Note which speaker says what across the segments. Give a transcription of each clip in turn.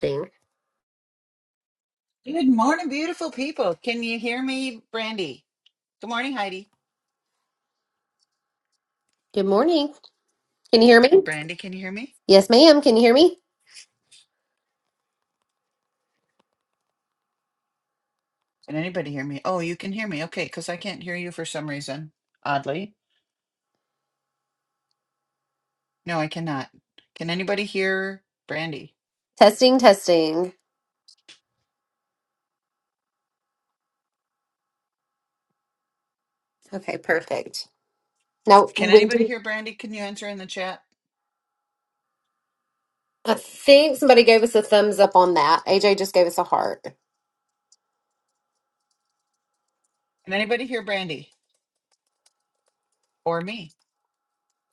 Speaker 1: Thing.
Speaker 2: Good morning, beautiful people. Can you hear me, Brandy? Good morning, Heidi.
Speaker 1: Good morning. Can you hear me?
Speaker 2: Brandy, can you hear me?
Speaker 1: Yes, ma'am. Can you hear me?
Speaker 2: Can anybody hear me? Oh, you can hear me. Okay, because I can't hear you for some reason. Oddly. No, I cannot. Can anybody hear Brandy?
Speaker 1: Testing, testing. Okay, perfect. Now,
Speaker 2: Can anybody
Speaker 1: Wendy,
Speaker 2: hear Brandy? Can you answer in the chat?
Speaker 1: I think somebody gave us a thumbs up on that. AJ just gave us a heart.
Speaker 2: Can anybody hear Brandy or me?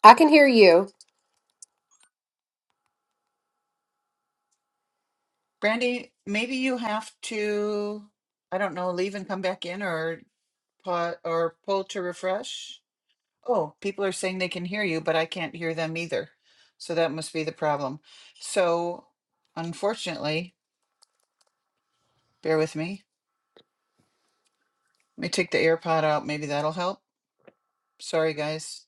Speaker 1: I can hear you.
Speaker 2: Brandy, maybe you have to, I don't know, leave and come back in or pa- or pull to refresh. Oh, people are saying they can hear you, but I can't hear them either. So that must be the problem. So unfortunately, bear with me. Let me take the AirPod out. Maybe that'll help. Sorry, guys.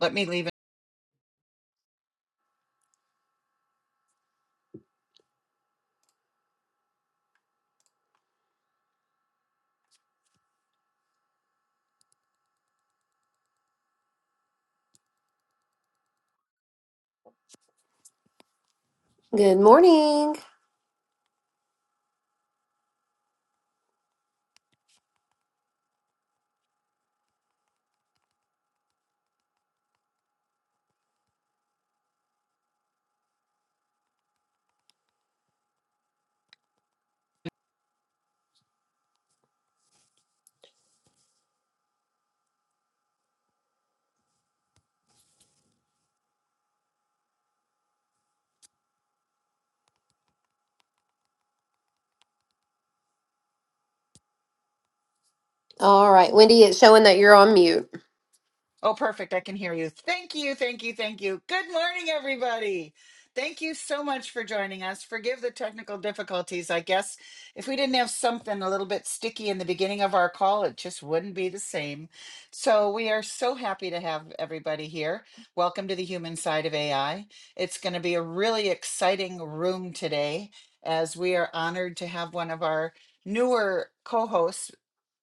Speaker 2: Let me leave.
Speaker 1: Good morning. All right, Wendy, it's showing that you're on mute.
Speaker 2: Oh, perfect. I can hear you. Thank you. Thank you. Thank you. Good morning, everybody. Thank you so much for joining us. Forgive the technical difficulties. I guess if we didn't have something a little bit sticky in the beginning of our call, it just wouldn't be the same. So, we are so happy to have everybody here. Welcome to the human side of AI. It's going to be a really exciting room today as we are honored to have one of our newer co hosts.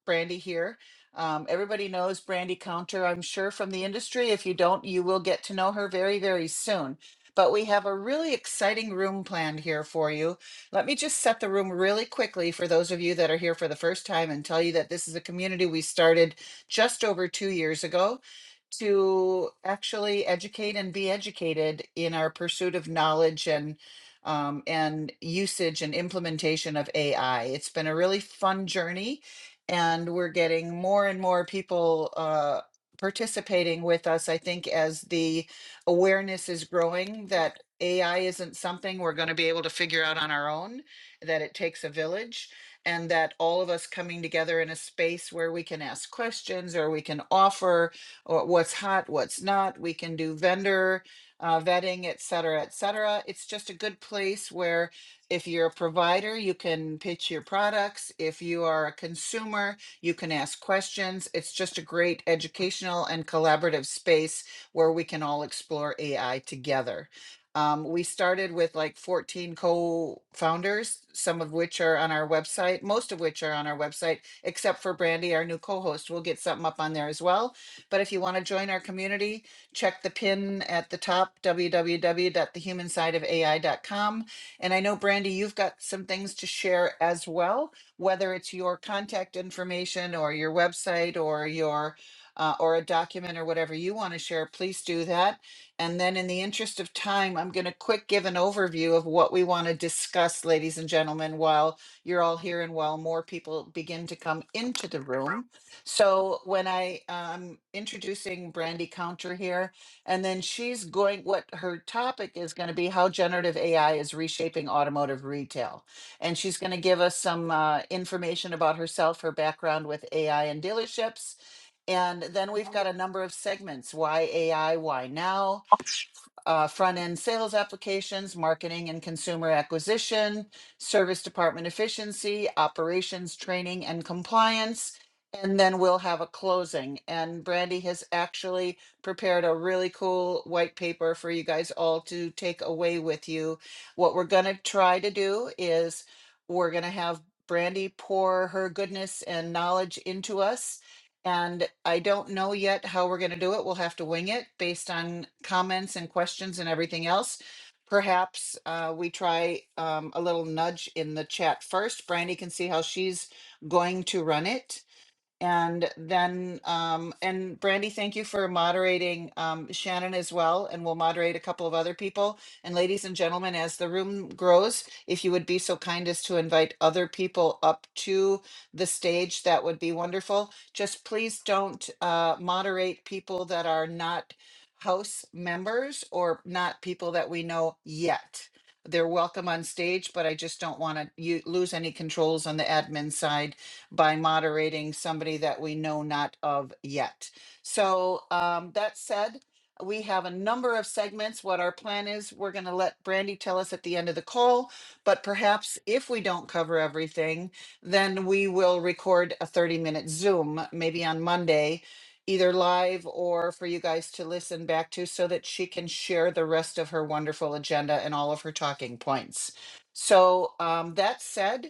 Speaker 2: Brandy here. Um, everybody knows Brandy Counter, I'm sure, from the industry. If you don't, you will get to know her very, very soon. But we have a really exciting room planned here for you. Let me just set the room really quickly for those of you that are here for the first time and tell you that this is a community we started just over two years ago to actually educate and be educated in our pursuit of knowledge and um, and usage and implementation of AI. It's been a really fun journey and we're getting more and more people uh, participating with us. I think as the awareness is growing that AI isn't something we're going to be able to figure out on our own, that it takes a village, and that all of us coming together in a space where we can ask questions or we can offer or what's hot, what's not, we can do vendor uh, vetting, et cetera, et cetera. It's just a good place where if you're a provider, you can pitch your products. If you are a consumer, you can ask questions. It's just a great educational and collaborative space where we can all explore AI together. Um, we started with like 14 co-founders, some of which are on our website, most of which are on our website, except for Brandy, our new co-host. We'll get something up on there as well. But if you want to join our community, check the pin at the top, w w w dot the human side of A I dot com. And I know, Brandy, you've got some things to share as well, whether it's your contact information or your website or your uh, or a document or whatever you want to share, please do that. And then, in the interest of time, I'm going to quick give an overview of what we want to discuss, ladies and gentlemen, while you're all here and while more people begin to come into the room. So, when I am introducing Brandy Counter here, and then she's going, what her topic is going to be how generative AI is reshaping automotive retail. And she's going to give us some uh, information about herself, her background with AI and dealerships. And then we've got a number of segments why AI, why now? uh, front end sales applications, marketing and consumer acquisition, service department efficiency, operations, training, and compliance. And then we'll have a closing. And Brandy has actually prepared a really cool white paper for you guys all to take away with you. What we're going to try to do is we're going to have Brandy pour her goodness and knowledge into us and I don't know yet how we're going to do it. We'll have to wing it based on comments and questions and everything else. Perhaps uh, we try um, a little nudge in the chat first. Brandy can see how she's going to run it. And then, um, and Brandy, thank you for moderating um, Shannon as well. And we'll moderate a couple of other people. And ladies and gentlemen, as the room grows, if you would be so kind as to invite other people up to the stage, that would be wonderful. Just please don't uh, moderate people that are not house members or not people that we know yet. They're welcome on stage, but I just don't want to you lose any controls on the admin side by moderating somebody that we know not of yet. So, um, that said, we have a number of segments. What our plan is, we're going to let Brandy tell us at the end of the call. But perhaps if we don't cover everything, then we will record a 30 minute Zoom, maybe on Monday, either live or for you guys to listen back to so that she can share the rest of her wonderful agenda and all of her talking points. So, um, that said,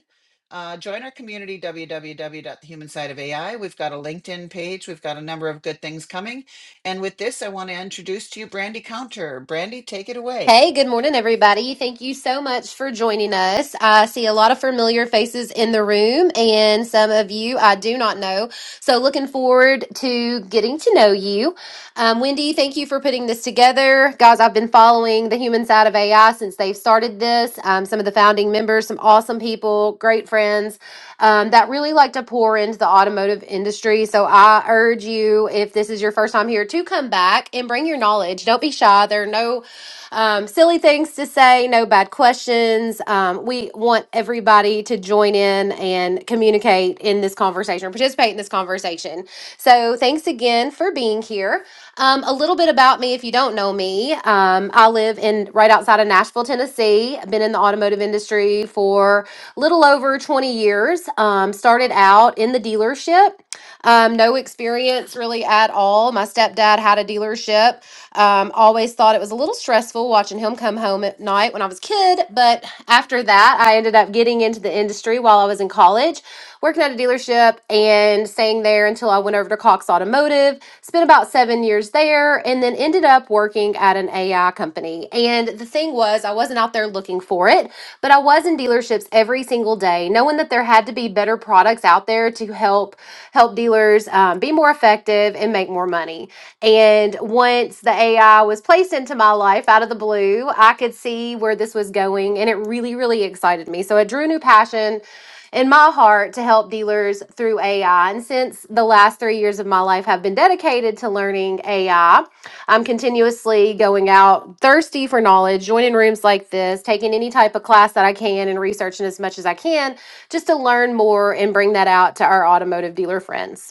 Speaker 2: uh, join our community, w w w dot the human side of AI. We've got a LinkedIn page. We've got a number of good things coming. And with this, I want to introduce to you Brandy Counter. Brandy, take it away.
Speaker 1: Hey, good morning, everybody. Thank you so much for joining us. I see a lot of familiar faces in the room and some of you I do not know. So, looking forward to getting to know you. Um, Wendy, thank you for putting this together. Guys, I've been following the human side of AI since they've started this. Um, some of the founding members, some awesome people, great friends um, that really like to pour into the automotive industry. So, I urge you, if this is your first time here, to come back and bring your knowledge. Don't be shy. There are no um, silly things to say, no bad questions. Um, we want everybody to join in and communicate in this conversation or participate in this conversation. So, thanks again for being here. Um, a little bit about me if you don't know me. Um, I live in right outside of Nashville, Tennessee. I've been in the automotive industry for a little over 20 years. Um, started out in the dealership. Um, no experience really at all. My stepdad had a dealership. Um, always thought it was a little stressful watching him come home at night when I was a kid. But after that, I ended up getting into the industry while I was in college, working at a dealership and staying there until I went over to Cox Automotive automotive, spent about seven years there, and then ended up working at an AI company. And the thing was, I wasn't out there looking for it, but I was in dealerships every single day, knowing that there had to be better products out there to help help dealers um, be more effective and make more money. And once the AI was placed into my life out of the blue, I could see where this was going, and it really, really excited me. So it drew a new passion in my heart to help dealers through AI. And since the last three years of my life have been dedicated to learning AI, I'm continuously going out thirsty for knowledge, joining rooms like this, taking any type of class that I can, and researching as much as I can just to learn more and bring that out to our automotive dealer friends.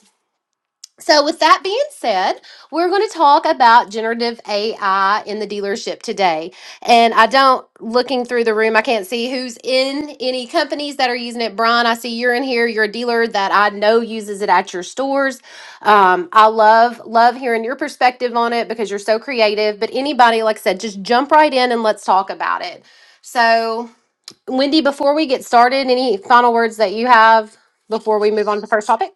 Speaker 1: So, with that being said, we're going to talk about generative AI in the dealership today. And I don't, looking through the room, I can't see who's in any companies that are using it. Brian, I see you're in here. You're a dealer that I know uses it at your stores. Um, I love, love hearing your perspective on it because you're so creative. But anybody, like I said, just jump right in and let's talk about it. So, Wendy, before we get started, any final words that you have before we move on to the first topic?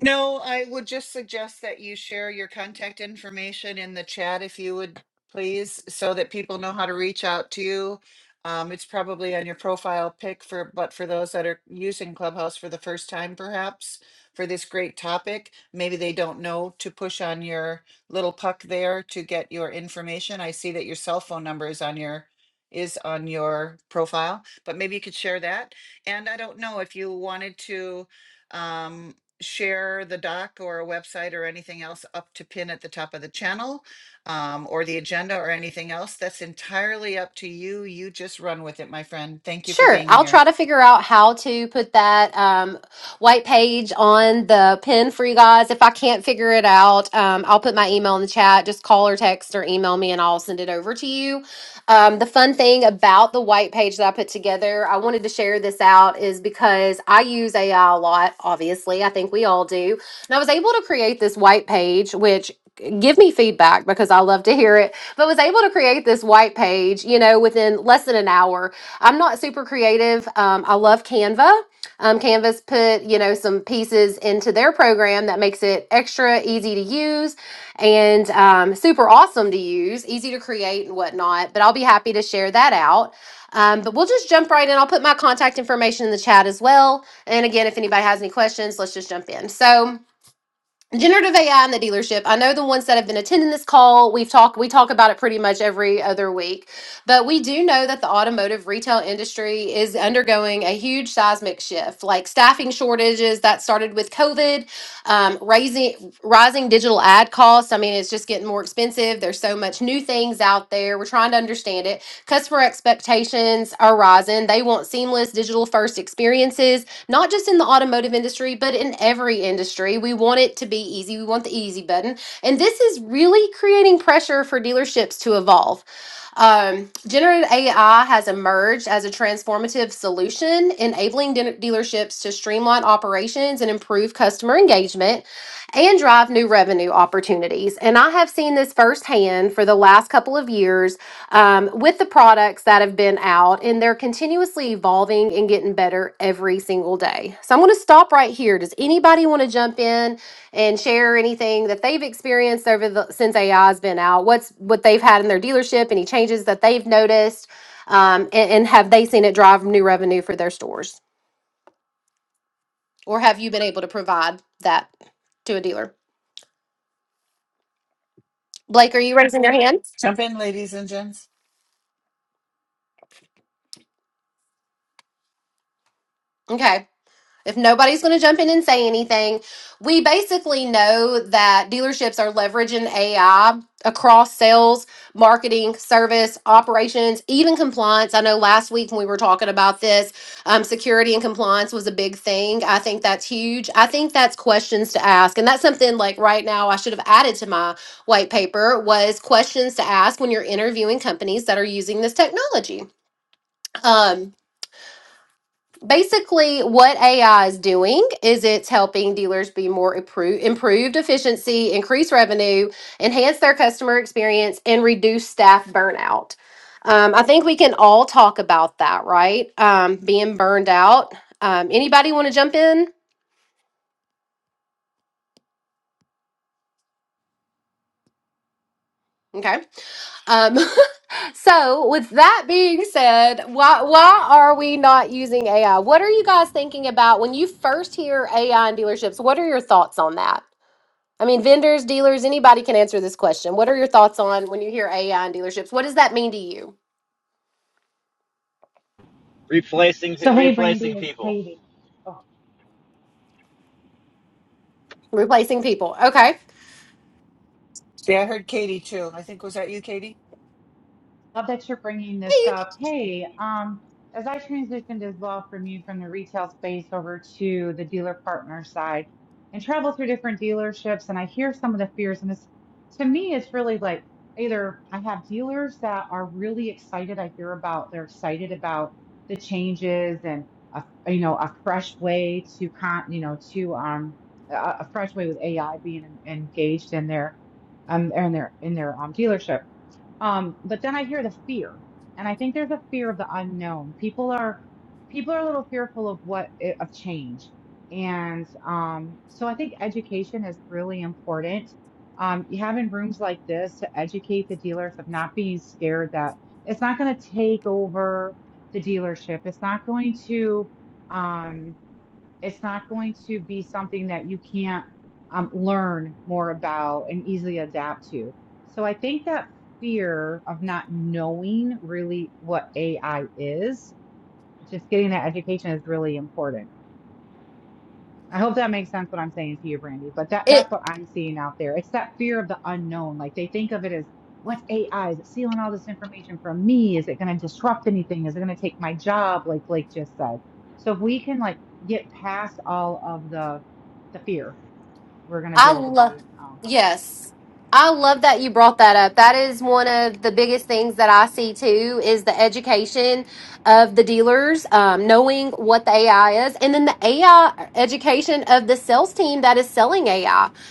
Speaker 2: No, I would just suggest that you share your contact information in the chat if you would please, so that people know how to reach out to you. Um, it's probably on your profile pic for, but for those that are using Clubhouse for the first time, perhaps for this great topic, maybe they don't know to push on your little puck there to get your information. I see that your cell phone number is on your is on your profile, but maybe you could share that. And I don't know if you wanted to Um, share the doc or a website or anything else up to pin at the top of the channel um, or the agenda or anything else. That's entirely up to you. You just run with it, my friend. Thank you for
Speaker 1: Sure,
Speaker 2: being
Speaker 1: I'll try
Speaker 2: here.
Speaker 1: to figure out how to put that um, white page on the pin for you guys. If I can't figure it out, um, I'll put my email in the chat. Just call or text or email me, and I'll send it over to you. Um, the fun thing about the white page that I put together, I wanted to share this out, is because I use AI a lot. Obviously, I think we all do, and I was able to create this white page, which give me feedback because I love to hear it. But was able to create this white page, you know, within less than an hour I'm not super creative. Um, I love Canva. Um, Canva's put you know some pieces into their program that makes it extra easy to use and um, super awesome to use, easy to create and whatnot. But I'll be happy to share that out. Um, but we'll just jump right in. I'll put my contact information in the chat as well. And again, if anybody has any questions, let's just jump in. So generative AI in the dealership. I know the ones that have been attending this call, we've talked we talk about it pretty much every other week. But we do know that the automotive retail industry is undergoing a huge seismic shift, like staffing shortages that started with COVID, um, raising rising digital ad costs. I mean, it's just getting more expensive. There's so much new things out there. We're trying to understand it. Customer expectations are rising. They want seamless digital first experiences not just in the automotive industry, but in every industry. We want it to be easy. We want the easy button. And this is really creating pressure for dealerships to evolve um, generative AI has emerged as a transformative solution, enabling de- dealerships to streamline operations and improve customer engagement and drive new revenue opportunities. And I have seen this firsthand for the last couple of years um, with the products that have been out, and they're continuously evolving and getting better every single day. So I'm going to stop right here. Does anybody want to jump in? and share anything that they've experienced over the since AI's been out. What's what they've had in their dealership, any changes that they've noticed, um, and, and have they seen it drive new revenue for their stores, or have you been able to provide that to a dealer? Blake, are you raising your hand?
Speaker 2: Jump in, ladies and gents.
Speaker 1: Okay. If nobody's going to jump in and say anything, we basically know that dealerships are leveraging AI across sales, marketing, service, operations, even compliance. I know last week when we were talking about this, um, security and compliance was a big thing. I think that's huge. I think that's questions to ask. And that's something like right now I should have added to my white paper was questions to ask when you're interviewing companies that are using this technology. Um, basically what AI is doing is it's helping dealers be more appro- improved efficiency, increase revenue, enhance their customer experience, and reduce staff burnout. Um, I think we can all talk about that, right? Um, being burned out. Um, anybody want to jump in? Okay. Um, so, with that being said, why why are we not using AI? What are you guys thinking about when you first hear AI in dealerships? What are your thoughts on that? I mean, vendors, dealers, anybody can answer this question. What are your thoughts on when you hear AI in dealerships? What does that mean to you?
Speaker 3: Replacing
Speaker 4: So hey,
Speaker 3: replacing
Speaker 4: Brandy, it's
Speaker 3: people.
Speaker 4: Katie. Oh,
Speaker 1: Replacing people. Okay.
Speaker 2: See, I heard Katie too. I think was that you, Katie?
Speaker 4: Love that you're bringing this
Speaker 1: Hey,
Speaker 4: up. Hey, um, as I transitioned as well from you from the retail space over to the dealer partner side and travel through different dealerships, and I hear some of the fears, and it's to me, it's really like either I have dealers that are really excited. I hear about they're excited about the changes and a, you know a fresh way to con you know to um a, a fresh way with AI being en- engaged in their um in their in their um dealership um, but then I hear the fear, and I think there's a fear of the unknown. People are people are a little fearful of what i- of change, and um, so I think education is really important. Um, you having rooms like this to educate the dealers of not being scared that it's not going to take over the dealership. It's not going to. Um, it's not going to be something that you can't um, learn more about and easily adapt to. So I think that fear of not knowing really what AI is, just getting that education is really important. I hope that makes sense what I'm saying to you, Brandy. But that
Speaker 1: It
Speaker 4: that's what I'm seeing out there. It's that fear of the unknown. Like they think of it as what's AI? Is it stealing all this information from me? Is it going to disrupt anything? Is it going to take my job? Like Blake just said. So if we can like get past all of the the fear, we're going to be
Speaker 1: I
Speaker 4: able to
Speaker 1: love,
Speaker 4: be. um,
Speaker 1: yes. I love that you brought that up. That is one of the biggest things that I see too is the education of the dealers, um, knowing what the AI is, and then the AI education of the sales team that is selling AI.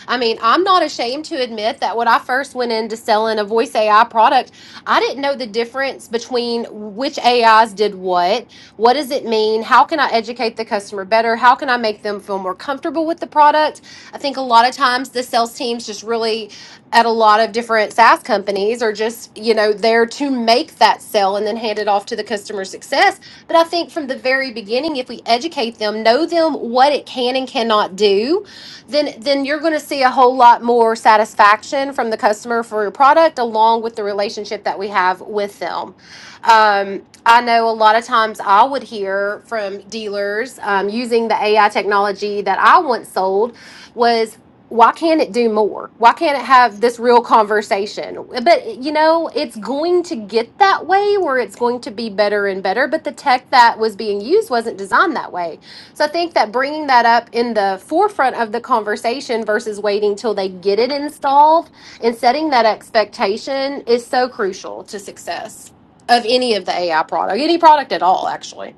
Speaker 1: I I mean, I'm not ashamed to admit that when I first went into selling a voice AI product, I didn't know the difference between which AIs did what, what does it mean, how can I educate the customer better, how can I make them feel more comfortable with the product I think a lot of times the sales teams just really at a lot of different SaaS companies are just, you know, there to make that sale and then hand it off to the customer success. But I think from the very beginning, if we educate them, know them what it can and cannot do, then then you're going to see a whole lot more satisfaction from the customer for your product along with the relationship that we have with them. Um, I know a lot of times I would hear from dealers um, using the AI technology that I once sold was why can't it do more? Why can't it have this real conversation? But you know, it's going to get that way where it's going to be better and better, but the tech that was being used wasn't designed that way. So I think that bringing that up in the forefront of the conversation versus waiting till they get it installed and setting that expectation is so crucial to success of any of the AI product, any product at all actually.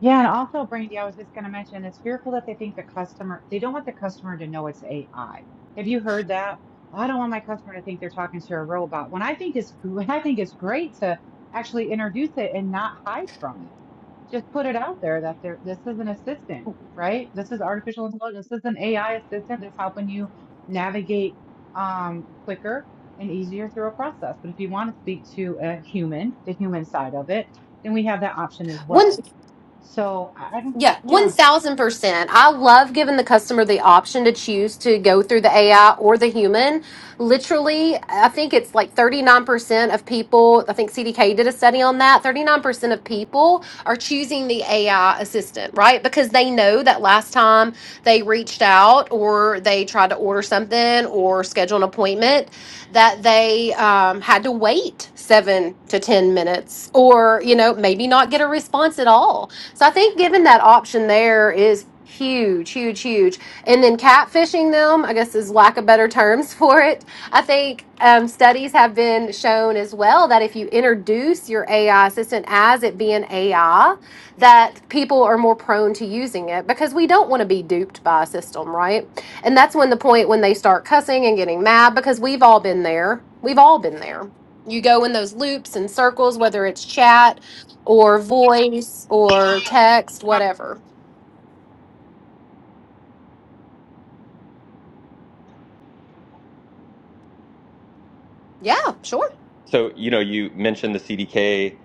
Speaker 4: Yeah, and also, Brandy, I was just going to mention it's fearful that they think the customer, they don't want the customer to know it's AI. Have you heard that? "Well, I don't want my customer to think they're talking to a robot. When I think it's, gr- when I think it's great to actually introduce it and not hide from it. Just put it out there that there, this is an assistant, right? This is artificial intelligence. This is an AI assistant that's helping you navigate um, quicker and easier through a process. But if you want to speak to a human, the human side of it, then we have that option as
Speaker 1: One
Speaker 4: well so I I don't,
Speaker 1: Yeah,
Speaker 4: yeah,
Speaker 1: 1000%. I love giving the customer the option to choose to go through the AI or the human. Literally, I think it's like 39% of people, I think CDK did a study on that. 39% of people are choosing the AI assistant, right? Because they know that last time they reached out or they tried to order something or schedule an appointment, that they um, had to wait seven to 10 minutes or, you know, maybe not get a response at all. So I think given that option there is huge, huge, huge. And then catfishing them, I guess, is lack of better terms for it. I think um, studies have been shown as well that if you introduce your AI assistant as it being AI, that people are more prone to using it because we don't want to be duped by a system, right? And that's when the point when they start cussing and getting mad because we've all been there. We've all been there. You go in those loops and circles, whether it's chat or voice or text, whatever. Yeah, sure.
Speaker 5: So, you know, you mentioned the CDK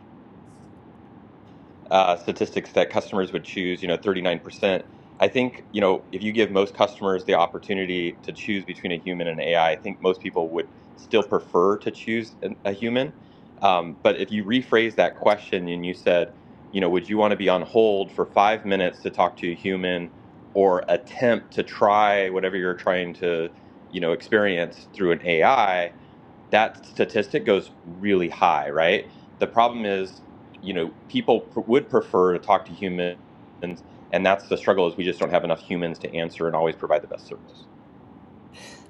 Speaker 5: uh, statistics that customers would choose, you know, 39%. I think, you know, if you give most customers the opportunity to choose between a human and AI, I I think most people would still prefer to choose an, a human. Um, but if you rephrase that question and you said, you know, would you want to be on hold for five minutes to talk to a human or attempt to try whatever you're trying to, you know, experience through an AI? that statistic goes really high, right? The problem is, you know, people pr- would prefer to talk to humans, and that's the struggle is we just don't have enough humans to answer and always provide the best service.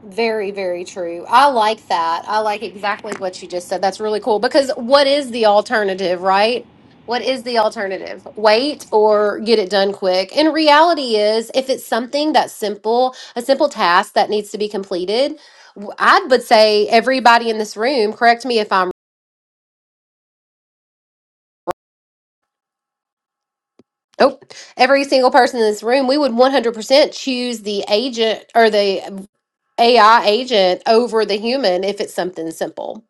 Speaker 1: Very, very true. I like that. I like exactly what you just said. That's really cool because what is the alternative, right? What is the alternative? Wait or get it done quick. And reality is, if it's something that's simple, a simple task that needs to be completed, w- I would say everybody in this room, correct me if I'm Oh, every single person in this room, we would 100% choose the agent or the AI agent over the human if it's something simple.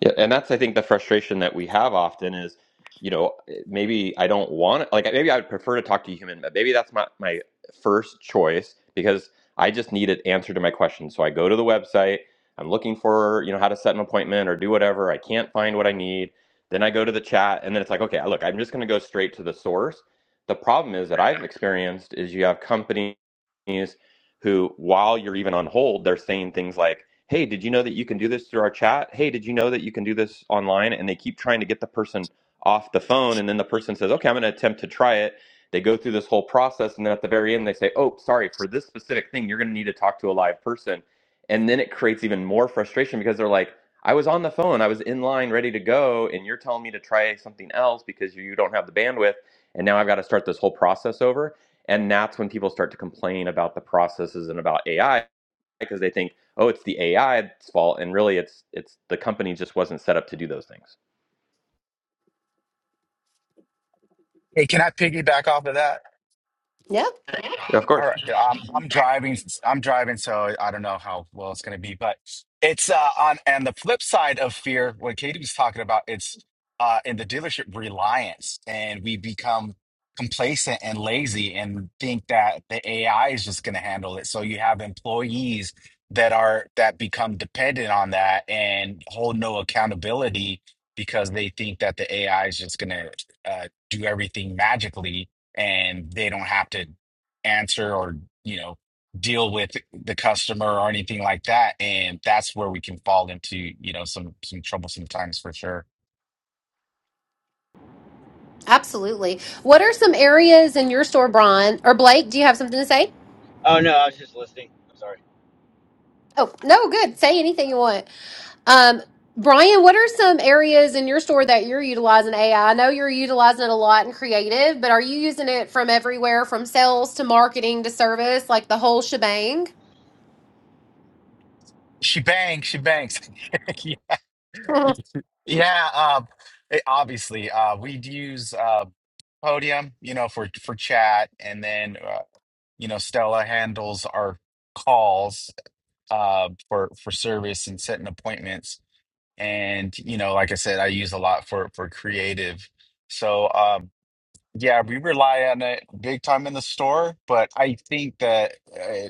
Speaker 5: Yeah, and that's I think the frustration that we have often is, you know, eh, maybe I don't want like maybe I would prefer to talk to a human, but maybe that's not my first choice because I just need an answer to my question. So I go to the website, I'm looking for, you know, how to set an appointment or do whatever. I can't find what I need. Then I go to the chat and then it's like, okay, look, I'm just going to go straight to the source. The problem is that I've experienced is you have companies who, while you're even on hold, they're saying things like, Hey, did you know that you can do this through our chat? Hey, did you know that you can do this online? And they keep trying to get the person off the phone. And then the person says, Okay, I'm going to attempt to try it. They go through this whole process. And then at the very end, they say, Oh, sorry, for this specific thing, you're going to need to talk to a live person. And then it creates even more frustration because they're like, I was on the phone, I was in line ready to go, and you're telling me to try something else because you don't have the bandwidth. And now I've got to start this whole process over and that's when people start to complain about the processes and about AI because they think, oh, it's the AI's fault, and really, it's it's the company just wasn't set up to do those things.
Speaker 6: Hey, can I piggyback off of that?
Speaker 1: Yeah.
Speaker 5: Yeah, of
Speaker 6: All
Speaker 5: course.
Speaker 6: right, yeah, I'm I'm driving. I'm driving, so I don't know how well it's going to be. But it's uh, on and the flip side of fear, what Katie was talking about, it's uh, in the dealership reliance, and we become complacent and lazy, and think that the AI is just going to handle it. So you have employees that are that become dependent on that and hold no accountability because they think that the AI is just going to uh, do everything magically and they don't have to answer or you know deal with the customer or anything like that and that's where we can fall into you know some some troublesome times for sure
Speaker 1: Absolutely. What are some areas in your store, Brian or Blake? Do you have something to say?
Speaker 3: Oh no, I was just listening. I'm sorry.
Speaker 1: Oh, no, good. Say anything you want. Um, Brian, what are some areas in your store that you're utilizing AI? I I know you're utilizing it a lot in creative, but are you using it from everywhere, from sales to marketing to service, like the whole shebang?
Speaker 6: she bangs she bangs
Speaker 1: Mhm.
Speaker 6: yeah Yeah, um it- obviously uh we'd use uh podium you know for for chat and then uh, you know stella handles our calls uh for for service and setting appointments and you know like i said i use a lot for for creative so um, Yeah, we rely on it big time in the store, but I think that uh,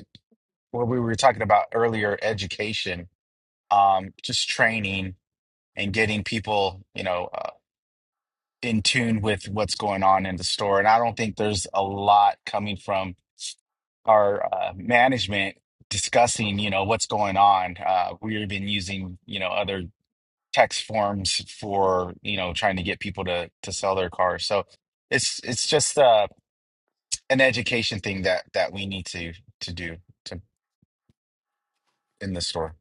Speaker 6: what we were talking about earlier, education, um, just training and getting people, you know, uh, in tune with what's going on in the store. And I don't think there's a lot coming from our uh, management discussing, you know, what's going on. Uh, we've been using, you know, other text forms for, you know, trying to get people to to sell their cars. So it's it's just uh. an education thing that that we need to to do to in the store.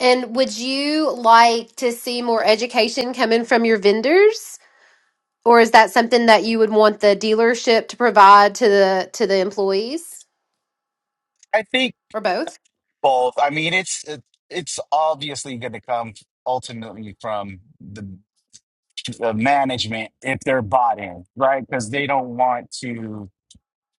Speaker 1: And would you like to see more education coming from your vendors, or is that something that you would want the dealership to provide to the to the employees,
Speaker 6: I think
Speaker 1: or both?
Speaker 6: both. I mean, it's it, it's obviously going to come ultimately from the, the management if they're bought in, right? Because they don't want to.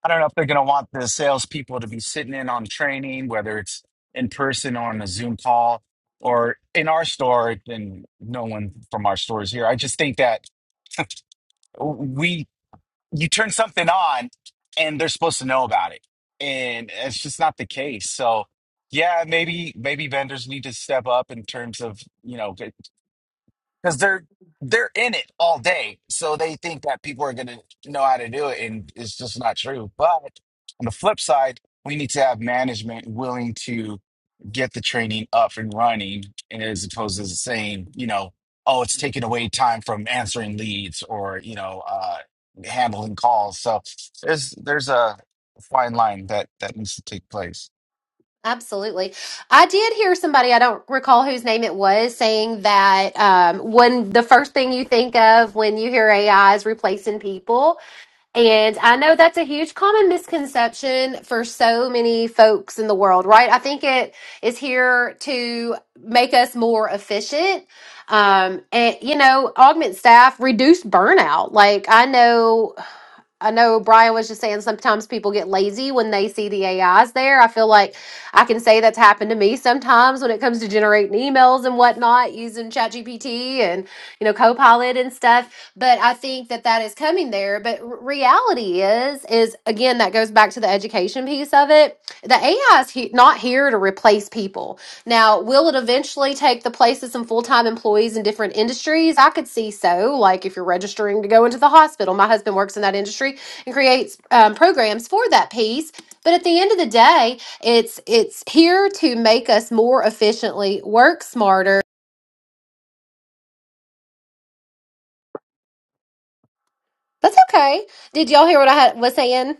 Speaker 6: I don't know if they're going to want the salespeople to be sitting in on training, whether it's in person or on a Zoom call or in our store. And no one from our store is here. I just think that we you turn something on and they're supposed to know about it and it's just not the case so yeah maybe maybe vendors need to step up in terms of you know because they're they're in it all day, so they think that people are gonna know how to do it, and it's just not true. But on the flip side, we need to have management willing to get the training up and running, as opposed to saying, you know, oh, it's taking away time from answering leads or you know uh, handling calls. So there's there's a fine line that that needs to take place.
Speaker 1: Absolutely. I did hear somebody, I don't recall whose name it was, saying that um, when the first thing you think of when you hear AI is replacing people, And I know that's a huge common misconception for so many folks in the world, right? I think it is here to make us more efficient. Um, and, you know, augment staff, reduce burnout. Like, I know I know Brian was just saying sometimes people get lazy when they see the AIs there. I feel like I can say that's happened to me sometimes when it comes to generating emails and whatnot using ChatGPT and you know Copilot and stuff. But I think that that is coming there. But r- reality is, is again that goes back to the education piece of it. The AI is he- not here to replace people. Now, will it eventually take the place of some full time employees in different industries? I could see so. Like if you're registering to go into the hospital, my husband works in that industry and creates um, programs for that piece. But at the end of the day, it's it's here to make us more efficiently work smarter. That's okay. Did y'all hear what I had, was saying?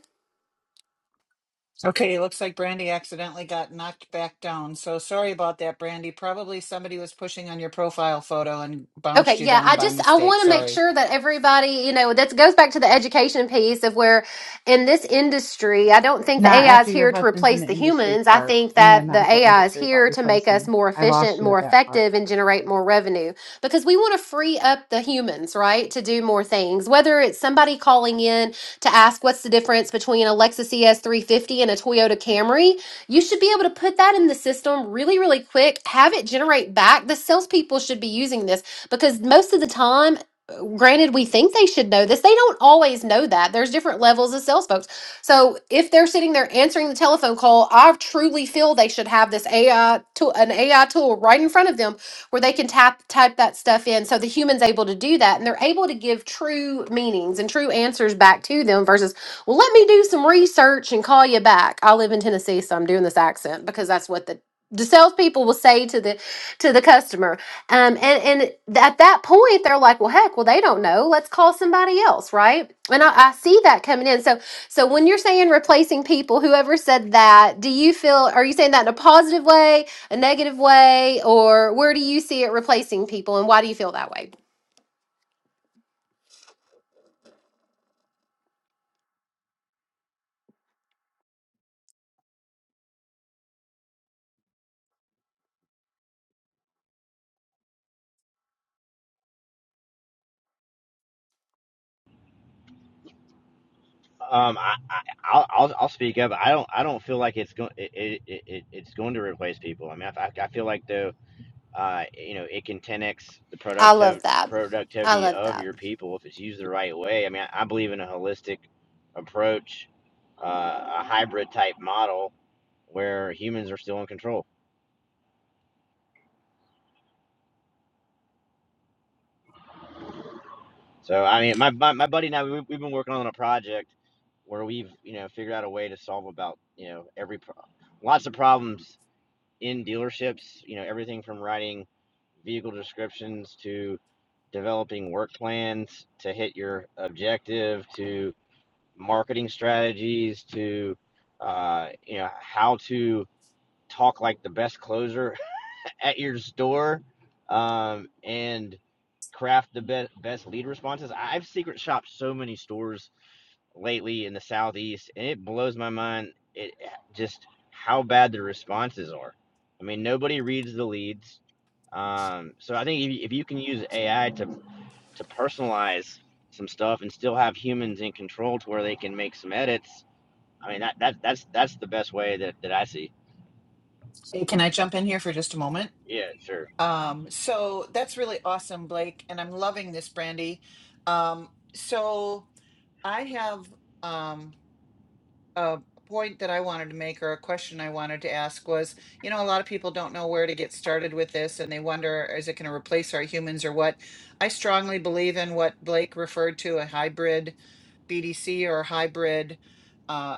Speaker 2: Okay, it looks like Brandy accidentally got knocked back down. So sorry about that, Brandy. Probably somebody was pushing on your profile photo and bounced
Speaker 1: Okay,
Speaker 2: you
Speaker 1: yeah,
Speaker 2: down
Speaker 1: I
Speaker 2: by
Speaker 1: just I
Speaker 2: mistake.
Speaker 1: want to make
Speaker 2: Sorry.
Speaker 1: sure that everybody, you know, that goes back to the education piece of where in this industry, I don't think the
Speaker 4: not
Speaker 1: AI is
Speaker 4: after your
Speaker 1: here to
Speaker 4: husband's in
Speaker 1: replace
Speaker 4: the
Speaker 1: the
Speaker 4: industry
Speaker 1: humans. I
Speaker 4: part,
Speaker 1: think
Speaker 4: in the
Speaker 1: that the
Speaker 4: medical
Speaker 1: AI is
Speaker 4: industry about
Speaker 1: here to make us
Speaker 4: replacing.
Speaker 1: more
Speaker 4: I
Speaker 1: efficient,
Speaker 4: lost you
Speaker 1: more
Speaker 4: at that part.
Speaker 1: effective and generate more revenue because we want to free up the humans, right, to do more things. Whether it's somebody calling in to ask what's the difference between a Lexus ES350 and a Toyota Camry, you should be able to put that in the system really, really quick, have it generate back. The salespeople should be using this because most of the time, granted, we think they should know this, they don't always know that. There's different levels of sales folks. So if they're sitting there answering the telephone call, I truly feel they should have this AI tool, an AI tool right in front of them where they can tap type that stuff in so the human's able to do that and they're able to give true meanings and true answers back to them versus well, let me do some research and call you back. I live in Tennessee, so I'm doing this accent because that's what the the salespeople will say to the to the customer. Um, and and at that point, they're like, "Well, heck, well they don't know. Let's call somebody else, right?" And I, I see that coming in. So so when you're saying replacing people, whoever said that, do you feel? Are you saying that in a positive way, a negative way, or where do you see it replacing people, and why do you feel that way?
Speaker 3: Um, I, I I'll, I'll I'll speak up. I don't I don't feel like it's going it, it, it it's going to replace people. I mean, I, I I feel like though, uh, you know, it can 10x the
Speaker 1: I
Speaker 3: productiv
Speaker 1: love that. I
Speaker 3: productivity
Speaker 1: love
Speaker 3: of
Speaker 1: that.
Speaker 3: your people if it's used the right way. I mean, I, I believe in a holistic approach, uh, a hybrid type model where humans are still in control. So I mean, my my, my buddy and I we, we've been working on a project where we've you know figured out a way to solve about you know every pro- lots of problems in dealerships. You know everything from writing vehicle descriptions to developing work plans to hit your objective to marketing strategies to uh, you know how to talk like the best closer at your store um, and craft the be- best lead responses. I- have secret shopped so many stores lately in the southeast, and it blows my mind. It just how bad the responses are. I mean, nobody reads the leads. Um, so I think if, you- if you can use AI to to personalize some stuff and still have humans in control to where they can make some edits, I mean that, that that's that's the best way that, that I see.
Speaker 2: Hey, can I jump in here for just a moment?
Speaker 3: Yeah, sure.
Speaker 2: Um, so that's really awesome, Blake, and I'm loving this, Brandy. Um, so I have um, a point that I wanted to make, or a question I wanted to ask was, you know, a lot of people don't know where to get started with this, and they wonder, is it going to replace our humans or what? I strongly believe in what Blake referred to a hybrid BDC or hybrid. uh,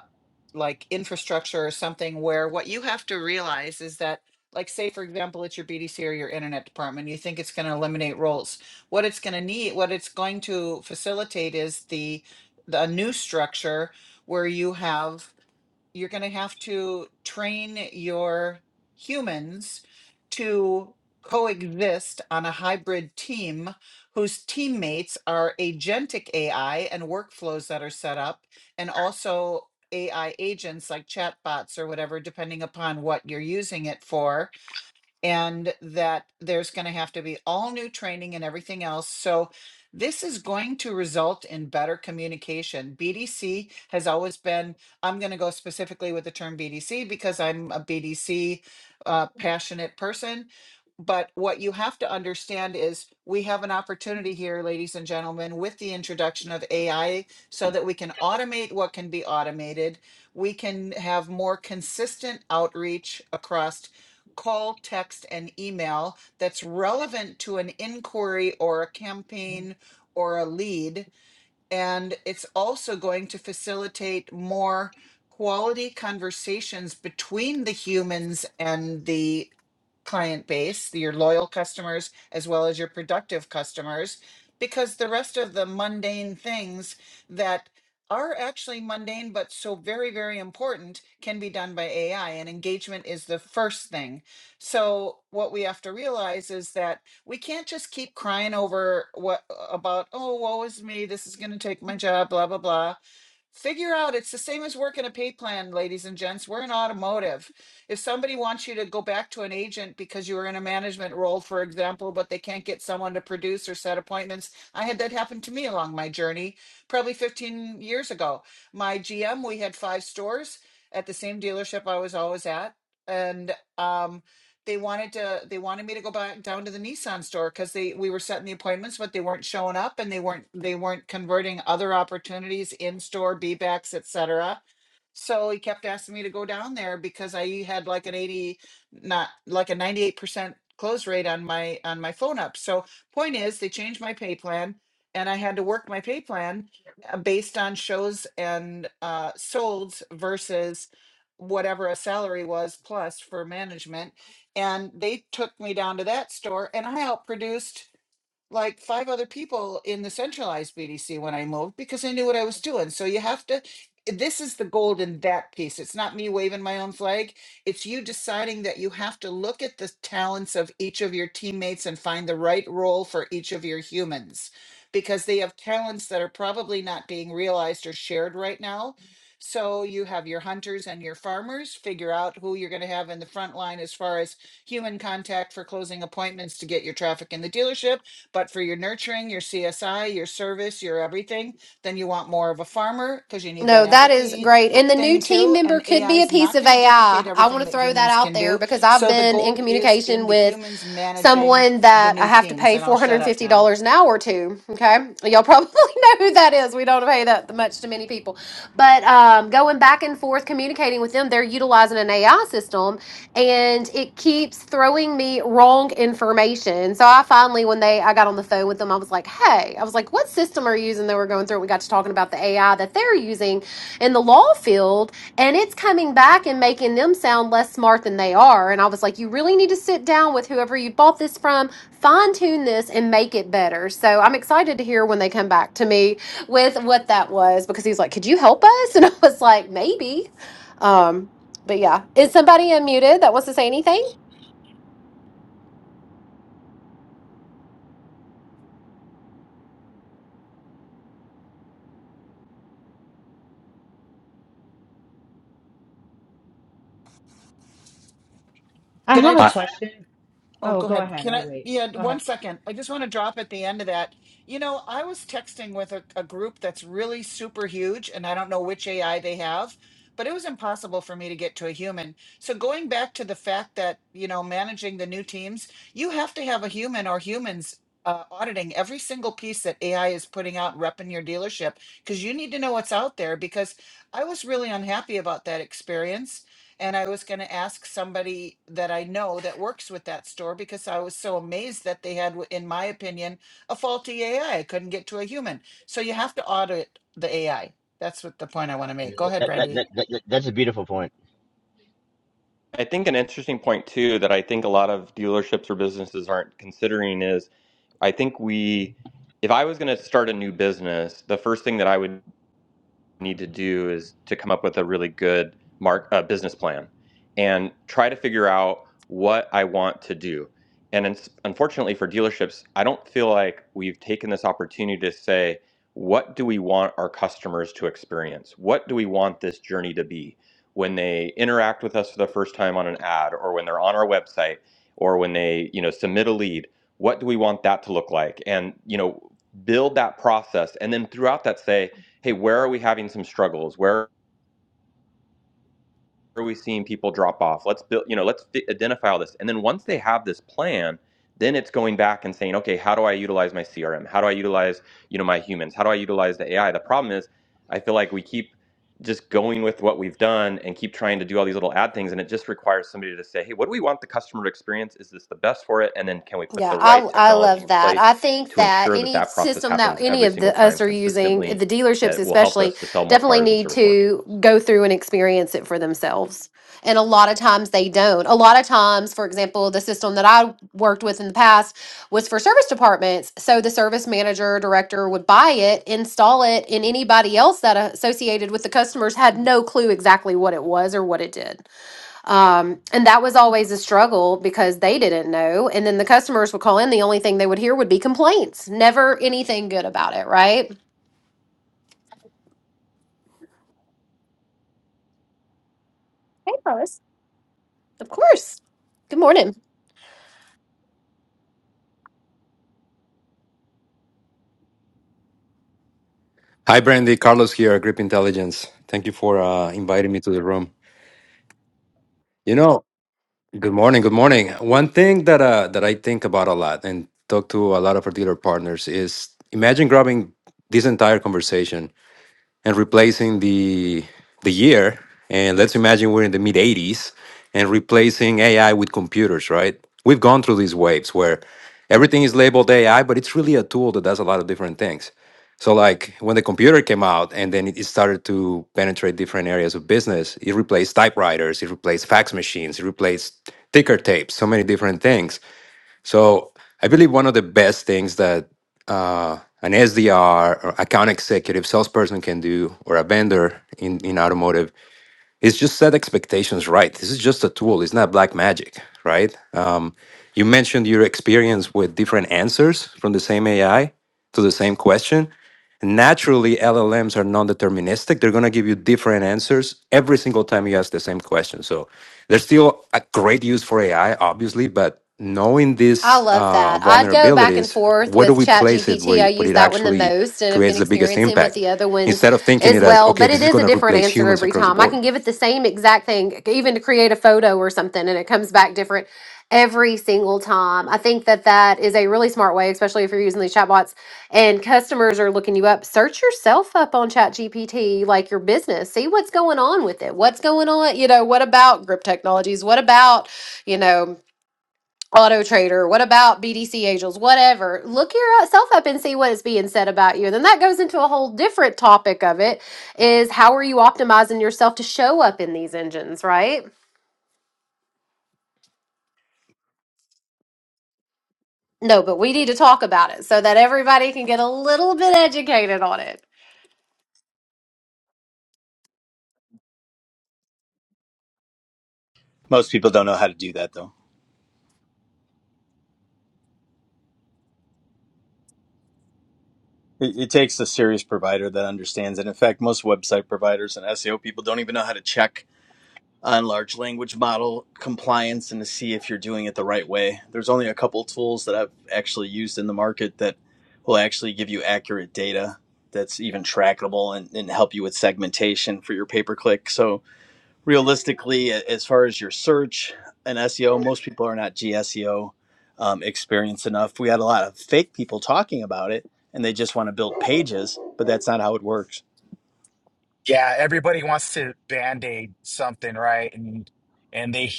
Speaker 2: like infrastructure or something where what you have to realize is that like say for example it's your bdc or your internet department you think it's going to eliminate roles what it's going to need what it's going to facilitate is the the new structure where you have you're going to have to train your humans to coexist on a hybrid team whose teammates are agentic AI and workflows that are set up, and also AI agents like chatbots or whatever, depending upon what you're using it for and that there's going to have to be all new training and everything else. So this is going to result in better communication. BDC has always been, I'm going to go specifically with the term BDC because I'm a BDC uh, passionate person. But what you have to understand is we have an opportunity here, ladies and gentlemen, with the introduction of AI so that we can automate what can be automated. We can have more consistent outreach across call, text, and email that's relevant to an inquiry or a campaign or a lead. And it's also going to facilitate more quality conversations between the humans and the client base, your loyal customers, as well as your productive customers, because the rest of the mundane things that are actually mundane but so very, very important can be done by AI, and engagement is the first thing. So, what we have to realize is that we can't just keep crying over what uh, about, oh, woe is me, this is going to take my job, blah, blah, blah Figure out it's the same as working a pay plan, ladies and gents. We're in automotive. If somebody wants you to go back to an agent because you were in a management role, for example, but they can't get someone to produce or set appointments, I had that happen to me along my journey probably 15 years ago. My GM, we had five stores at the same dealership I was always at. And um they wanted to they wanted me to go back down to the Nissan store because they we were setting the appointments, but they weren't showing up and they weren't they weren't converting other opportunities in store, B backs, etc. So he kept asking me to go down there because I had like an 80, not like a 98% close rate on my on my phone up. So point is they changed my pay plan and I had to work my pay plan uh, based on shows and uh solds versus whatever a salary was plus for management and they took me down to that store and I outproduced like five other people in the centralized BDC when I moved because I knew what I was doing. So you have to, this is the gold in that piece. It's not me waving my own flag. It's you deciding that you have to look at the talents of each of your teammates and find the right role for each of your humans because they have talents that are probably not being realized or shared right now. So you have your hunters and your farmers figure out who you're going to have in the front line as far as human contact for closing appointments to get your traffic in the dealership but for your nurturing, your CSI, your service, your everything, then you want more of a farmer because you need that
Speaker 1: No, that is
Speaker 2: empathy
Speaker 1: great. And the new
Speaker 2: thing
Speaker 1: team
Speaker 2: too.
Speaker 1: member
Speaker 2: And
Speaker 1: could
Speaker 2: AI
Speaker 1: be a
Speaker 2: is
Speaker 1: piece
Speaker 2: not
Speaker 1: of
Speaker 2: going to
Speaker 1: AI.
Speaker 2: duplicate
Speaker 1: I I
Speaker 2: everything
Speaker 1: want to
Speaker 2: that
Speaker 1: throw that
Speaker 2: humans
Speaker 1: out
Speaker 2: can
Speaker 1: there
Speaker 2: do.
Speaker 1: because I've
Speaker 2: So the
Speaker 1: been in
Speaker 2: gold is in
Speaker 1: communication
Speaker 2: the
Speaker 1: with
Speaker 2: humans managing
Speaker 1: someone
Speaker 2: the
Speaker 1: that I
Speaker 2: new
Speaker 1: have to
Speaker 2: teams.
Speaker 1: pay
Speaker 2: And I'll shut up now.
Speaker 1: $450 an hour to. Okay. Y'all probably know who that is. We don't pay that much to many people. But um, going back and forth communicating with them, they're utilizing an AI system and it keeps throwing me wrong information. So I finally, when they, I got on the phone with them, I was like, hey, I was like, what system are you using? They were going through it. We got to talking about the AI that they're using in the law field and it's coming back and making them sound less smart than they are. And I was like, you really need to sit down with whoever you bought this from, fine tune this, and make it better. So I'm excited to hear when they come back to me with what that was because he's like, could you help us? And I was like, maybe. Um, but yeah, is somebody unmuted that wants to say anything?
Speaker 4: I
Speaker 2: Can I
Speaker 4: have a
Speaker 7: Hi,
Speaker 2: just
Speaker 3: I,
Speaker 4: question.
Speaker 2: Oh,
Speaker 4: Oh,
Speaker 2: go
Speaker 4: go
Speaker 2: ahead.
Speaker 4: ahead.
Speaker 2: Can
Speaker 4: I'll
Speaker 2: I?
Speaker 4: wait.
Speaker 2: Yeah,
Speaker 4: Go
Speaker 2: one
Speaker 4: ahead.
Speaker 2: second. I just want to drop at the end of that. You know, I was texting with a, a group that's really super huge, and I don't know which AI they have, but it was impossible for me to get to a human. So, going back to the fact that, you know, managing the new teams, you have to have a human or humans uh, auditing every single piece that AI is putting out, repping your dealership, because you need to know what's out there. Because I was really unhappy about that experience and I was going to ask somebody that I know that works with that store because I was so amazed that they had, w- in my opinion, a faulty AI. couldn't get to a human. So you have to audit the AI. That's what the point I want to make.
Speaker 3: That,
Speaker 2: Go ahead,
Speaker 3: that, that,
Speaker 2: Brandy.
Speaker 3: that, that- that's a beautiful point.
Speaker 5: I think an interesting point too that I think a lot of dealerships or businesses aren't considering is I think we, if I was going to start a new business, the first thing that I would need to do is to come up with a really good mark uh, business plan and try to figure out what I want to do. And it's, unfortunately for dealerships, I don't feel like we've taken this opportunity to say, what do we want our customers to experience? What do we want this journey to be when they interact with us for the first time on an ad or when they're on our website or when they, you know, submit a lead? What do we want that to look like? And, you know, build that process and then throughout that say, hey, where are we having some struggles? where are we seeing people drop off let's build you know let's identify all this and then once they have this plan then it's going back and saying okay how do i utilize my crm how do i utilize you know my humans how do i utilize the ai the problem is i feel like we keep just going with what we've done and keep trying to do all these little ad things and it just requires somebody to say hey what do we want the customer to experience is this the best for it and then can we put
Speaker 1: Yeah,
Speaker 5: the
Speaker 1: I
Speaker 5: right
Speaker 1: I
Speaker 5: technology
Speaker 1: love
Speaker 5: in
Speaker 1: that.
Speaker 5: place
Speaker 1: I think
Speaker 5: to
Speaker 1: that
Speaker 5: ensure that
Speaker 1: any
Speaker 5: that process
Speaker 1: system that
Speaker 5: happens
Speaker 1: any
Speaker 5: every
Speaker 1: of
Speaker 5: single
Speaker 1: the
Speaker 5: time
Speaker 1: us are using,
Speaker 5: consistently
Speaker 1: the dealerships
Speaker 5: that will help
Speaker 1: especially,
Speaker 5: us to sell more
Speaker 1: definitely
Speaker 5: cars and
Speaker 1: need
Speaker 5: service more
Speaker 1: to
Speaker 5: vehicles
Speaker 1: go through and experience it for themselves. And a lot of times they don't. A lot of times, for example, the system that I worked with in the past was for service departments. So the service manager, director would buy it, install it, and anybody else that associated with the customers had no clue exactly what it was or what it did. Um, and that was always a struggle because they didn't know. And then the customers would call in. The only thing they would hear would be complaints, never anything good about it, right? Hey, Lois. Of course. Good morning.
Speaker 7: Hi, Brandy. Carlos here, at Grip Intelligence. Thank you for uh, inviting me to the room. You know, good morning. Good morning. One thing that uh, that I think about a lot and talk to a lot of our dealer partners is imagine grabbing this entire conversation and replacing the the year and let's imagine we're in the mid 80s and replacing ai with computers right we've gone through these waves where everything is labeled ai but it's really a tool that does a lot of different things so like when the computer came out and then it started to penetrate different areas of business it replaced typewriters it replaced fax machines it replaced ticker tapes so many different things so I believe one of the best things that uh, an SDR, or account executive, salesperson can do, or a vendor in in automotive it's just set expectations right. This is just a tool. It's not black magic, right? Um, you mentioned your experience with different answers from the same AI to the same question. Naturally, LLMs are non-deterministic. They're going to give you different answers every single time you ask the same question. So there's still a great use for AI, obviously, but knowing
Speaker 1: I
Speaker 7: these
Speaker 1: love
Speaker 7: uh,
Speaker 1: that. I'd go back and
Speaker 7: vulnerabilities,
Speaker 1: forth
Speaker 7: where do
Speaker 1: with
Speaker 7: we place it where,
Speaker 1: ChatGPT. I
Speaker 7: where
Speaker 1: use
Speaker 7: it
Speaker 1: that one the
Speaker 7: actually
Speaker 1: most and I've been
Speaker 7: creates the biggest
Speaker 1: experiencing with
Speaker 7: impact?
Speaker 1: the other ones
Speaker 7: Instead of thinking
Speaker 1: as
Speaker 7: it as,
Speaker 1: well,
Speaker 7: okay,
Speaker 1: but
Speaker 7: this
Speaker 1: it
Speaker 7: is
Speaker 1: is a
Speaker 7: going to
Speaker 1: different
Speaker 7: replace
Speaker 1: answer
Speaker 7: humans
Speaker 1: every
Speaker 7: across the
Speaker 1: time. I
Speaker 7: board
Speaker 1: can give it the same exact thing, even to create a photo or something, and it comes back different every single time. I think that that is a really smart way, especially if you're using these chatbots and customers are looking you up. Search yourself up on ChatGPT, like your business. See what's going on with it. What's going on? You know, what about grip technologies? What about, you know, Auto Trader, what about BDC Angels, whatever. Look yourself up and see what is being said about you. And then that goes into a whole different topic of it is how are you optimizing yourself to show up in these engines, right? No, but we need to talk about it so that everybody can get a little bit educated on it.
Speaker 8: Most people don't know how to do that though. It, it takes a serious provider that understands it. In fact, most website providers and SEO people don't even know how to check on large language model compliance and to see if you're doing it the right way. There's only a couple tools that I've actually used in the market that will actually give you accurate data that's even trackable and, and help you with segmentation for your pay per click. So realistically, as far as your search and SEO, most people are not GSEO um, experienced enough. We had a lot of fake people talking about it and they just want to build pages, but that's not how it works.
Speaker 6: Yeah, everybody wants to band-aid something, right? And and they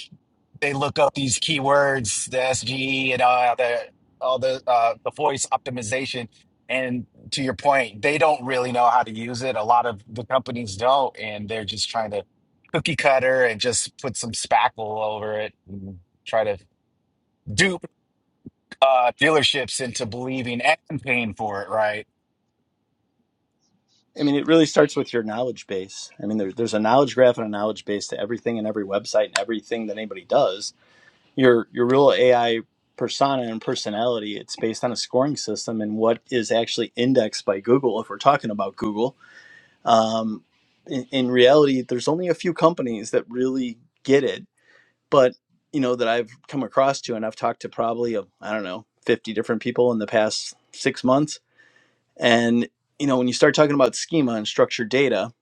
Speaker 6: they look up these keywords, the SGE and all the all the uh the voice optimization. And to your point, they don't really know how to use it. A lot of the companies don't, and they're just trying to cookie cutter and just put some spackle over it and try to dupe uh dealerships into believing and paying for it, right?
Speaker 8: I mean, it really starts with your knowledge base. I mean, there, there's a knowledge graph and a knowledge base to everything and every website and everything that anybody does. Your your real AI persona and personality, it's based on a scoring system and what is actually indexed by Google if we're talking about Google um, in, in reality there's only a few companies that really get it but you know that i've come across to and i've talked to probably I i don't know 50 different people in the past six months and you know when you start talking about schema and structured data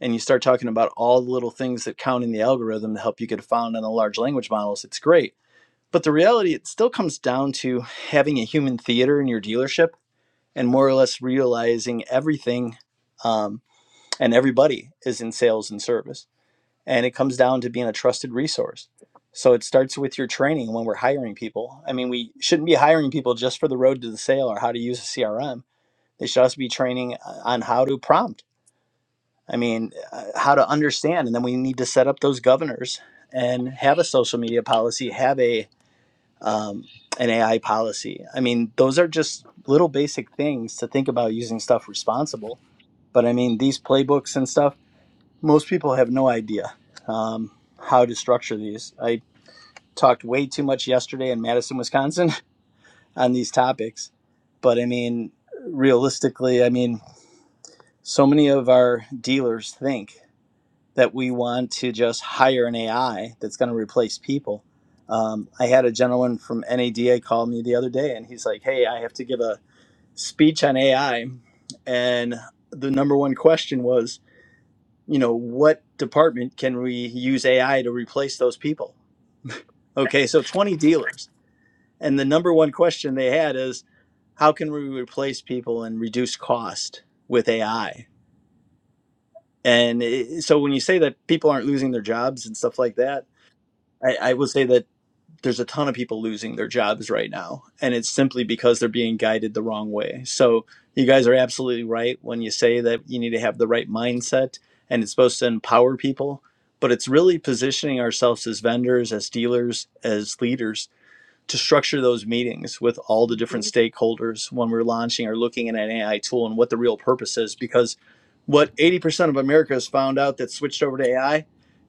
Speaker 8: and you start talking about all the little things that count in the algorithm to help you get found on the large language models it's great but the reality it still comes down to having a human theater in your dealership and more or less realizing everything Um and everybody is in sales and service. And it comes down to being a trusted resource. So it starts with your training when we're hiring people. I mean, we shouldn't be hiring people just for the road to the sale or how to use a CRM. They should also be training uh, on how to prompt. I mean, uh, how to understand. And then we need to set up those governors and have a social media policy, have a um, an AI policy. I mean, those are just little basic things to think about using stuff responsible. But I mean, these playbooks and stuff most people have no idea um, how to structure these. I talked way too much yesterday in Madison, Wisconsin on these topics. But I mean, realistically, I mean, so many of our dealers think that we want to just hire an AI that's going to replace people. Um, I had a gentleman from NADA call me the other day and he's like, Hey, I have to give a speech on AI. And the number one question was, you know what department can we use ai to replace those people okay so 20 dealers and the number one question they had is how can we replace people and reduce cost with ai and it, so when you say that people aren't losing their jobs and stuff like that i, I would say that there's a ton of people losing their jobs right now and it's simply because they're being guided the wrong way so you guys are absolutely right when you say that you need to have the right mindset and it's supposed to empower people but it's really positioning ourselves as vendors as dealers as leaders to structure those meetings with all the different
Speaker 1: Mhm.
Speaker 8: stakeholders when we're launching or looking at an AI tool and what the real purpose is. Because what 80% of America has found out that switched over to AI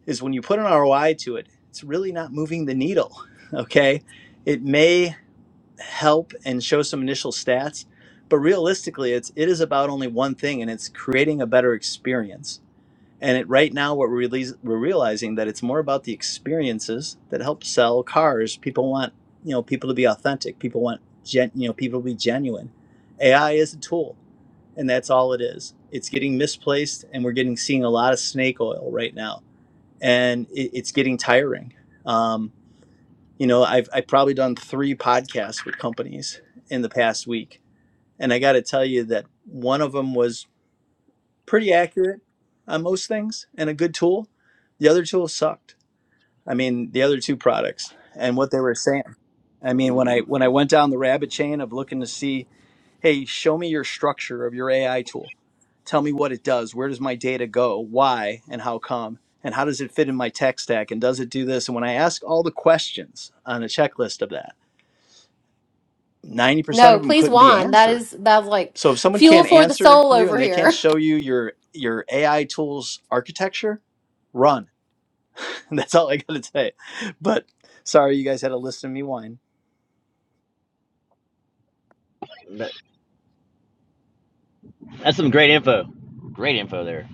Speaker 8: is when you put an ROI to it, it's really not moving the needle. Okay. It may help and show some initial stats, but realistically, it's it is about only one thing and it's creating a better experience and it, right now, what we're, releas we're realizing that it's more about the experiences that help sell cars. People want, you know, people to be authentic. People want, gen, you know, people to be genuine. AI is a tool, and that's all it is. It's getting misplaced, and we're getting seeing a lot of snake oil right now, and it, it's getting tiring. Um, you know, I've I've probably done three podcasts with companies in the past week, and I got to tell you that one of them was pretty accurate on most things and a good tool. The other tool sucked. I mean, the other two products and what they were saying. I mean, when I when I went down the rabbit chain of looking to see, hey, show me your structure of your AI tool. Tell me what it does. Where does my data go? Why and how come? And how does it fit in my tech stack? And does it do this? And when I asked all the questions on a checklist of that, 90%
Speaker 1: No,
Speaker 8: of them
Speaker 1: please,
Speaker 8: couldn't be
Speaker 1: Juan. That
Speaker 8: answered
Speaker 1: is that's like
Speaker 8: so if someone
Speaker 1: fuel
Speaker 8: can't
Speaker 1: for the
Speaker 8: answer
Speaker 1: soul
Speaker 8: you and
Speaker 1: over
Speaker 8: they can't
Speaker 1: here.
Speaker 8: show you your your AI tools architecture, run. That's all I gotta say. But sorry, you guys had to listen to me whine.
Speaker 3: That, that's some great info. Great info there.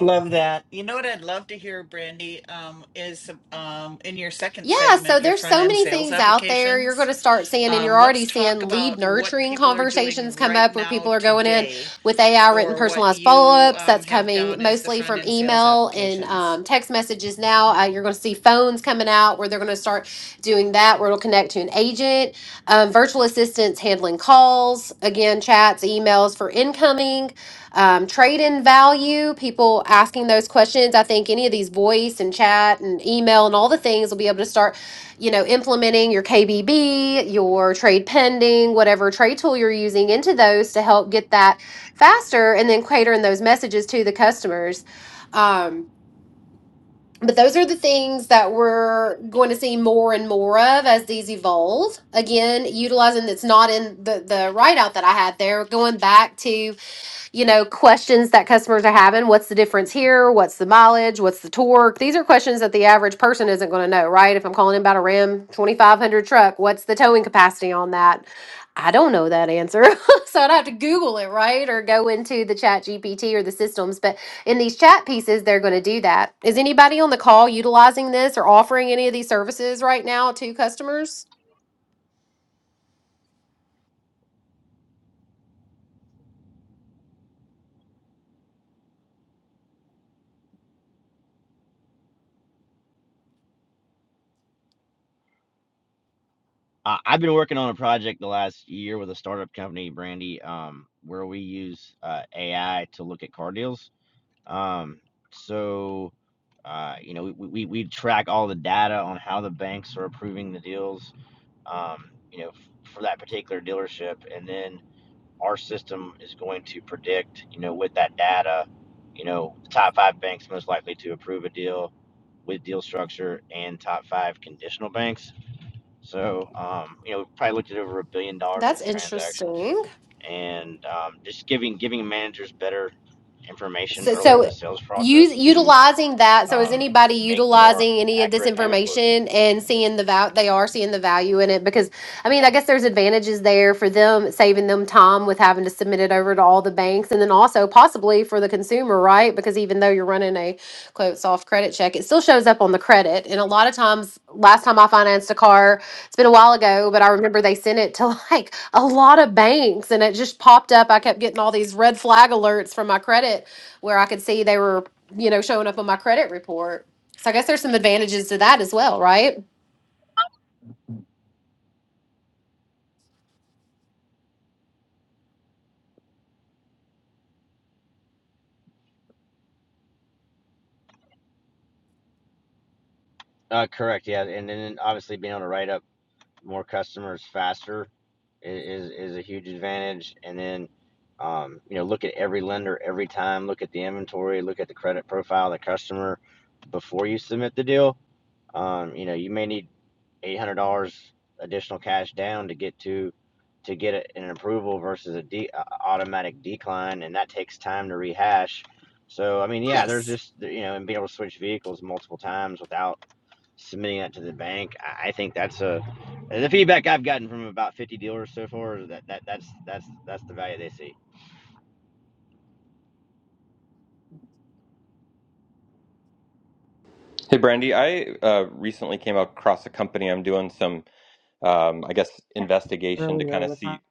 Speaker 2: Love that. You know what I'd love to hear, Brandy, um, is um, in your second
Speaker 1: Yeah,
Speaker 2: segment,
Speaker 1: so
Speaker 2: your
Speaker 1: there's
Speaker 2: front
Speaker 1: so
Speaker 2: end
Speaker 1: many
Speaker 2: sales
Speaker 1: things out there you're going
Speaker 2: applications.
Speaker 1: to start seeing, and
Speaker 2: Um,
Speaker 1: you're
Speaker 2: let's
Speaker 1: already
Speaker 2: talk
Speaker 1: seeing
Speaker 2: about
Speaker 1: lead
Speaker 2: what
Speaker 1: nurturing
Speaker 2: people are doing
Speaker 1: conversations come
Speaker 2: right
Speaker 1: up where
Speaker 2: now
Speaker 1: people are going in
Speaker 2: today,
Speaker 1: with AI written
Speaker 2: or what
Speaker 1: personalized follow
Speaker 2: you
Speaker 1: ups.
Speaker 2: um,
Speaker 1: That's
Speaker 2: have
Speaker 1: coming
Speaker 2: down as the
Speaker 1: mostly
Speaker 2: front
Speaker 1: from
Speaker 2: end sales
Speaker 1: email and
Speaker 2: applications.
Speaker 1: um, text messages now. Uh, you're going to see phones coming out where they're going to start doing that, where it'll connect to an agent. Um, virtual assistants handling calls, again, chats, emails for incoming um, trade in value, people asking those questions. I think any of these voice and chat and email and all the things will be able to start, you know, implementing your KBB, your trade pending, whatever trade tool you're using into those to help get that faster and then catering those messages to the customers. Um, but those are the things that we're going to see more and more of as these evolve. Again, utilizing that's not in the, the write out that I had there, going back to you know, questions that customers are having. What's the difference here? What's the mileage? What's the torque? These are questions that the average person isn't going to know, right? If I'm calling in about a Ram 2500 truck, what's the towing capacity on that? I don't know that answer. so I'd have to Google it, right? Or go into the chat GPT or the systems. But in these chat pieces, they're going to do that. Is anybody on the call utilizing this or offering any of these services right now to customers?
Speaker 3: Uh, I've been working on a project the last year with a startup company, Brandy, um, where we use uh, AI to look at car deals. Um, so, uh, you know, we, we, we track all the data on how the banks are approving the deals, um, you know, f- for that particular dealership. And then our system is going to predict, you know, with that data, you know, the top five banks most likely to approve a deal with deal structure and top five conditional banks. So, um, you know, we probably looked at over a billion dollars worth
Speaker 1: That's
Speaker 3: of transactions,
Speaker 1: interesting.
Speaker 3: and um, just giving giving managers better information
Speaker 1: So,
Speaker 3: earlier in the
Speaker 1: so
Speaker 3: sales
Speaker 1: use
Speaker 3: process to
Speaker 1: utilizing that. So, is
Speaker 3: um,
Speaker 1: anybody
Speaker 3: make more
Speaker 1: utilizing any of this
Speaker 3: accurate payment quotes.
Speaker 1: information and seeing the value? They are seeing the value in it because, I mean, I guess there's advantages there for them, saving them time with having to submit it over to all the banks, and then also possibly for the consumer, right? Because even though you're running a quote soft credit check, it still shows up on the credit. And a lot of times, last time I financed a car, it's been a while ago, but I remember they sent it to like a lot of banks, and it just popped up. I kept getting all these red flag alerts from my credit where I could see they were, you know, showing up on my credit report. So I guess there's some advantages to that as well, right?
Speaker 3: Uh, correct, yeah, and then obviously being able to write up more customers faster is is a huge advantage. And then, um, you know, look at every lender every time. Look at the inventory. Look at the credit profile of the customer before you submit the deal. Um, you know, you may need eight hundred dollars additional cash down to get to to get a, an approval versus a de- automatic decline, and that takes time to rehash. So I mean, yeah, there's
Speaker 1: Nice.
Speaker 3: just you know, and being able to switch vehicles multiple times without submitting that to the bank. I, think that's a the feedback I've gotten from about 50 dealers so far is that, that that's that's that's the value they see.
Speaker 5: Hey, Brandy. I uh, recently came across a company. I'm doing some, um, I guess, investigation to
Speaker 4: Earlier
Speaker 5: kind of
Speaker 4: with
Speaker 5: see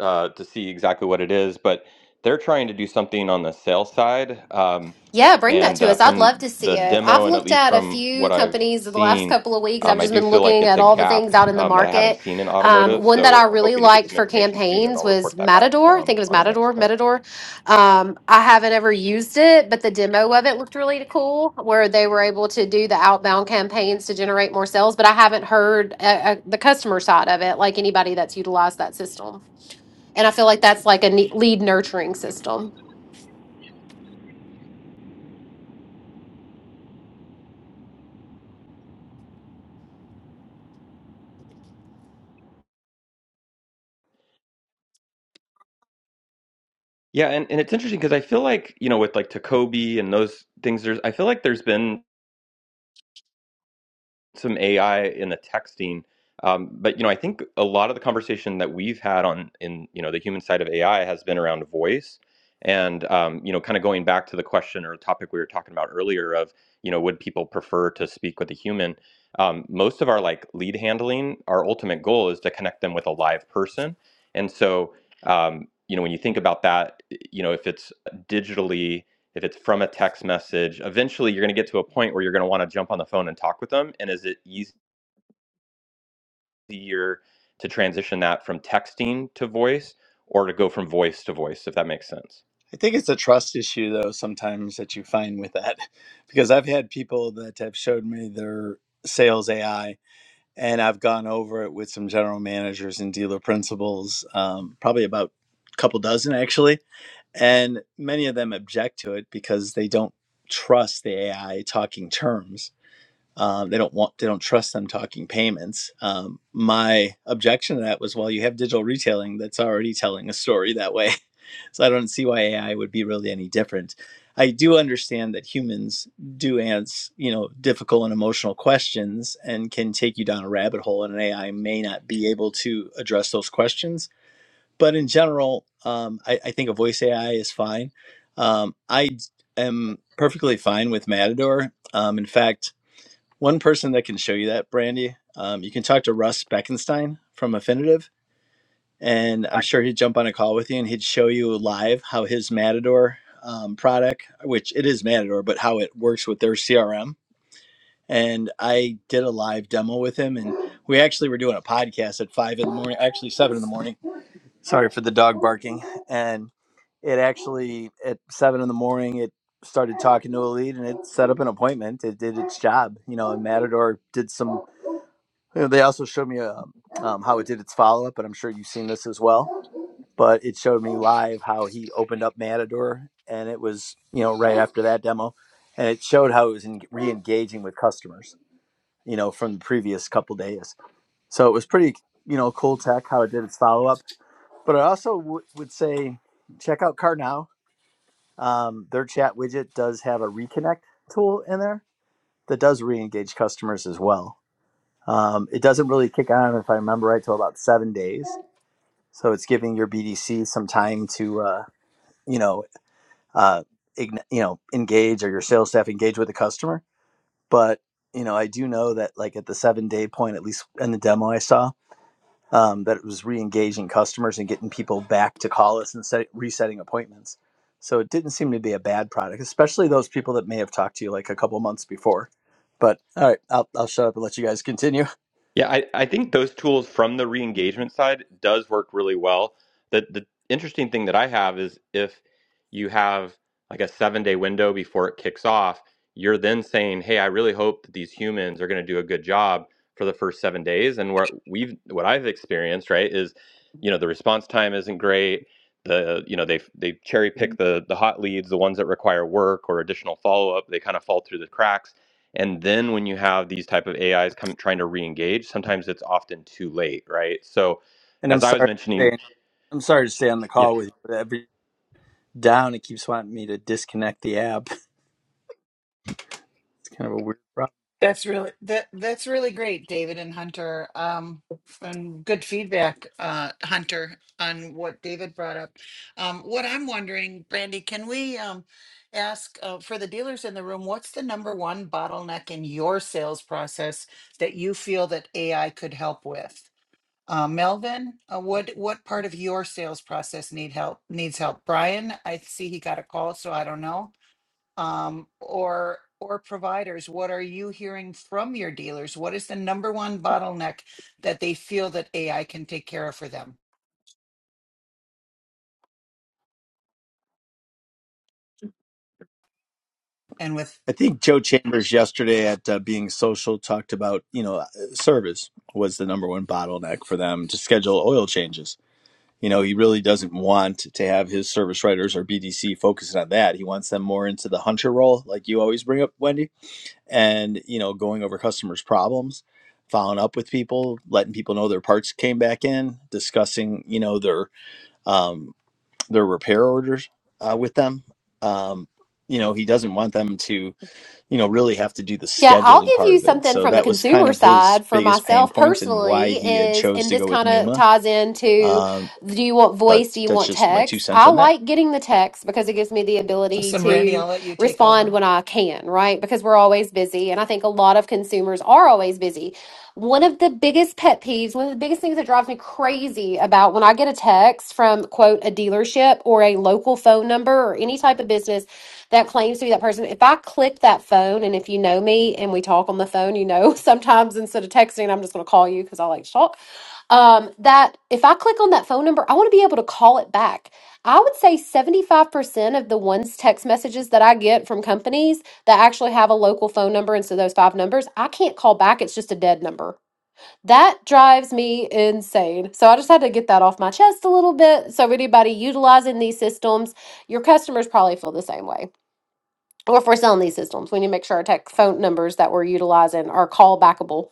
Speaker 5: uh, to see exactly what it is. But they're trying to do something on the sales side, um,
Speaker 1: Yeah, bring that
Speaker 5: and
Speaker 1: to
Speaker 5: uh,
Speaker 1: us. I'd love
Speaker 5: from
Speaker 1: to see
Speaker 5: the
Speaker 1: it. I've
Speaker 5: demo and at
Speaker 1: looked
Speaker 5: least
Speaker 1: at a
Speaker 5: from
Speaker 1: few
Speaker 5: what I've
Speaker 1: companies in the last
Speaker 5: seen,
Speaker 1: couple of weeks. I've
Speaker 5: um, I
Speaker 1: just
Speaker 5: do
Speaker 1: been
Speaker 5: feel like
Speaker 1: looking
Speaker 5: it's
Speaker 1: at
Speaker 5: a
Speaker 1: all the things
Speaker 5: gap
Speaker 1: out in the
Speaker 5: um, that I haven't
Speaker 1: market.
Speaker 5: seen in
Speaker 1: Um,
Speaker 5: automotive.
Speaker 1: one that
Speaker 5: So
Speaker 1: I
Speaker 5: I'm
Speaker 1: really
Speaker 5: hoping to get
Speaker 1: liked
Speaker 5: some
Speaker 1: for
Speaker 5: information soon, and
Speaker 1: campaigns
Speaker 5: I'll report
Speaker 1: was
Speaker 5: that back
Speaker 1: Matador. I
Speaker 5: um,
Speaker 1: think it was
Speaker 5: on our next
Speaker 1: Matador,
Speaker 5: call.
Speaker 1: Matador. Um, I haven't ever used it, but the demo of it looked really cool, where they were able to do the outbound campaigns to generate more sales. But I haven't heard uh, uh, the customer side of it, like anybody that's utilized that system. And I feel like that's like a ne- lead nurturing system.
Speaker 5: Yeah, and, and it's interesting because I feel like, you know, with like Tacobi and those things, there's I feel like there's been some AI in the texting. Um, but you know, I think a lot of the conversation that we've had on in you know the human side of AI has been around voice, and um, you know, kind of going back to the question or topic we were talking about earlier of you know, would people prefer to speak with a human? Um, most of our like lead handling, our ultimate goal is to connect them with a live person, and so um, you know, when you think about that, you know, if it's digitally if it's from a text message, eventually you're going to get to a point where you're going to want to jump on the phone and talk with them. And is it easier to transition that from texting to voice or to go from voice to voice, if that makes sense?
Speaker 8: I think it's a trust issue though sometimes that you find with that, because I've had people that have showed me their sales AI and I've gone over it with some general managers and dealer principals, um, probably about a couple dozen actually, and many of them object to it because they don't trust the AI talking terms Um, they don't want they don't trust them talking payments. Um, my objection to that was, well, you have digital retailing that's already telling a story that way, so I don't see why AI would be really any different. I do understand that humans do answer you know difficult and emotional questions and can take you down a rabbit hole, and an AI may not be able to address those questions. But in general, um, I, I think a voice AI is fine. Um, I am perfectly fine with Matador. Um, in fact, one person that can show you that, Brandy, um, you can talk to Russ Beckenstein from Affinitive, and I'm
Speaker 1: I
Speaker 8: sure he'd jump on a call with you and he'd show you live how his Matador um, product, which it is Matador, but how it works with their CRM. And I did a live demo with him, and we actually were doing a podcast at five in the morning, actually seven in the morning. Sorry for the dog barking. And it actually at seven in the morning, it started talking to a lead and it set up an appointment. It did its job, you know. And Matador did some you know, they also showed me um, um, how it did its follow up, and I'm sure you've seen this as well. But it showed me live how he opened up Matador, and it was you know right after that demo, and it showed how it was en- re-engaging with customers, you know, from the previous couple days. So it was pretty you know cool tech how it did its follow up. But I also w- would say check out Car Now. Um, their chat widget does have a reconnect tool in there that does re-engage customers as well um, it doesn't really kick on, if I remember right, till about seven days. So it's giving your BDC some time to, uh, you know, uh, ign- you know, engage or your sales staff engage with the customer. But you know, I do know that like at the seven day point, at least in the demo I saw, um, that it was re-engaging customers and getting people back to call us and set- resetting appointments. So it didn't seem to be a bad product, especially those people that may have talked to you like a couple months before. But all right, I'll, I'll shut up and let you guys continue.
Speaker 5: Yeah, I, I think those tools from the re-engagement side does work really well. The the interesting thing that I have is if you have like a seven day window before it kicks off, you're then saying, "Hey, I really hope that these humans are going to do a good job for the first seven days." And what we've what I've experienced right is, you know, the response time isn't great. The you know they they cherry pick the the hot leads, the ones that require work or additional follow up. They kind of fall through the cracks and then when you have these type of ais come trying to re-engage sometimes it's often too late right so
Speaker 8: And I'm
Speaker 5: as i was
Speaker 8: sorry. to say
Speaker 5: mentioning
Speaker 8: I'm sorry to stay on the call with you, but every down it keeps wanting me to disconnect the app. It's kind of a weird problem.
Speaker 2: That's really that that's really great, David and Hunter. Um, and good feedback, uh, Hunter, on what David brought up. Um, what I'm wondering, Brandy, can we um, ask uh, for the dealers in the room, what's the number one bottleneck in your sales process that you feel that AI could help with? Uh, Melvin, uh, what what part of your sales process need help needs help? Brian, I see he got a call, so I don't know um, or or providers what are you hearing from your dealers what is the number one bottleneck that they feel that ai can take care of for them and with
Speaker 8: I think Joe Chambers yesterday at uh, Being Social talked about, you know, uh, service was the number one bottleneck for them to schedule oil changes. You know, he really doesn't want to have his service writers or BDC focusing on that. He wants them more into the hunter role, like you always bring up, Wendy, and, you know, going over customers' problems, following up with people, letting people know their parts came back in, discussing, you know, their um, their repair orders uh, with them. Um, you know, he doesn't want them to, you know, really have to do the
Speaker 1: Yeah, I'll
Speaker 8: scheduling
Speaker 1: give
Speaker 8: part
Speaker 1: you
Speaker 8: of it.
Speaker 1: something
Speaker 8: So
Speaker 1: from the
Speaker 8: that was kind
Speaker 1: consumer
Speaker 8: of his
Speaker 1: side for
Speaker 8: biggest pain
Speaker 1: myself
Speaker 8: point and why
Speaker 1: personally
Speaker 8: he had
Speaker 1: is,
Speaker 8: chose
Speaker 1: and
Speaker 8: to
Speaker 1: this
Speaker 8: go with
Speaker 1: kind of
Speaker 8: Numa.
Speaker 1: ties into
Speaker 8: Um,
Speaker 1: Do you want
Speaker 8: but
Speaker 1: voice? Do you
Speaker 8: that's
Speaker 1: want
Speaker 8: just my two
Speaker 1: text?
Speaker 8: cents
Speaker 1: I
Speaker 8: on that.
Speaker 1: like getting the text because it gives me the
Speaker 2: so,
Speaker 1: ability
Speaker 2: some randy
Speaker 1: to
Speaker 2: i'll let you take
Speaker 1: respond
Speaker 2: over
Speaker 1: when I can, right? Because we're always busy. And I think a lot of consumers are always busy. One of the biggest pet peeves, one of the biggest things that drives me crazy about when I get a text from, quote, a dealership or a local phone number or any type of business that claims to be that person, if I click that phone and if you know me and we talk on the phone, you know, sometimes instead of texting, I'm just going to call you because I like to talk um, that if I click on that phone number, I want to be able to call it back. I would say 75% of the ones text messages that I get from companies that actually have a local phone number, and so those five numbers, I can't call back. It's just a dead number. That drives me insane. So I just had to get that off my chest a little bit. So, anybody utilizing these systems, your customers probably feel the same way. Or if we're selling these systems, we need to make sure our tech phone numbers that we're utilizing are callbackable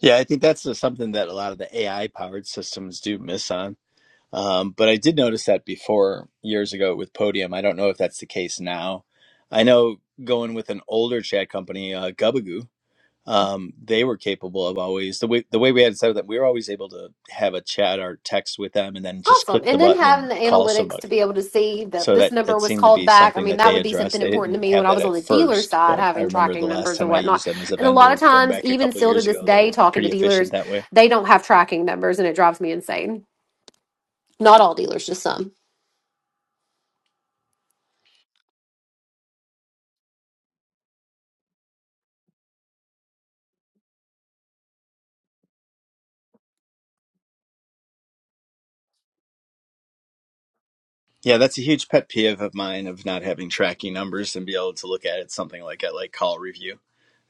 Speaker 8: Yeah, I think that's just something that a lot of the AI powered systems do miss on. Um, but I did notice that before years ago with Podium. I don't know if that's the case now. I know going with an older chat company, uh, Gubagoo. um, they were capable of always the way the way we had it set up that we were always able to have a chat or text with them and then just
Speaker 1: Awesome.
Speaker 8: click the
Speaker 1: And then
Speaker 8: button
Speaker 1: having
Speaker 8: and
Speaker 1: the
Speaker 8: call
Speaker 1: analytics to
Speaker 8: somebody.
Speaker 1: be able to see that
Speaker 8: So
Speaker 1: this
Speaker 8: that
Speaker 1: number
Speaker 8: that
Speaker 1: was
Speaker 8: seemed to
Speaker 1: called
Speaker 8: be
Speaker 1: back. I
Speaker 8: something
Speaker 1: mean,
Speaker 8: that
Speaker 1: that
Speaker 8: they
Speaker 1: would be
Speaker 8: addressed.
Speaker 1: something
Speaker 8: They
Speaker 1: important to
Speaker 8: didn't
Speaker 1: me when
Speaker 8: have
Speaker 1: I
Speaker 8: that
Speaker 1: was on
Speaker 8: at
Speaker 1: the dealer
Speaker 8: first,
Speaker 1: side,
Speaker 8: but I
Speaker 1: having
Speaker 8: remember the
Speaker 1: tracking
Speaker 8: last
Speaker 1: numbers and
Speaker 8: time I
Speaker 1: whatnot.
Speaker 8: used them as a
Speaker 1: And a lot of
Speaker 8: vendor going
Speaker 1: times,
Speaker 8: back a
Speaker 1: even
Speaker 8: couple of
Speaker 1: still to
Speaker 8: years
Speaker 1: this
Speaker 8: ago, they
Speaker 1: day,
Speaker 8: were
Speaker 1: talking to
Speaker 8: pretty
Speaker 1: dealers,
Speaker 8: efficient that way.
Speaker 1: they don't have tracking numbers and it drives me insane. Not all dealers, just some.
Speaker 8: Yeah, that's a huge pet peeve of mine of not having tracking numbers and be able to look at it something like at like call review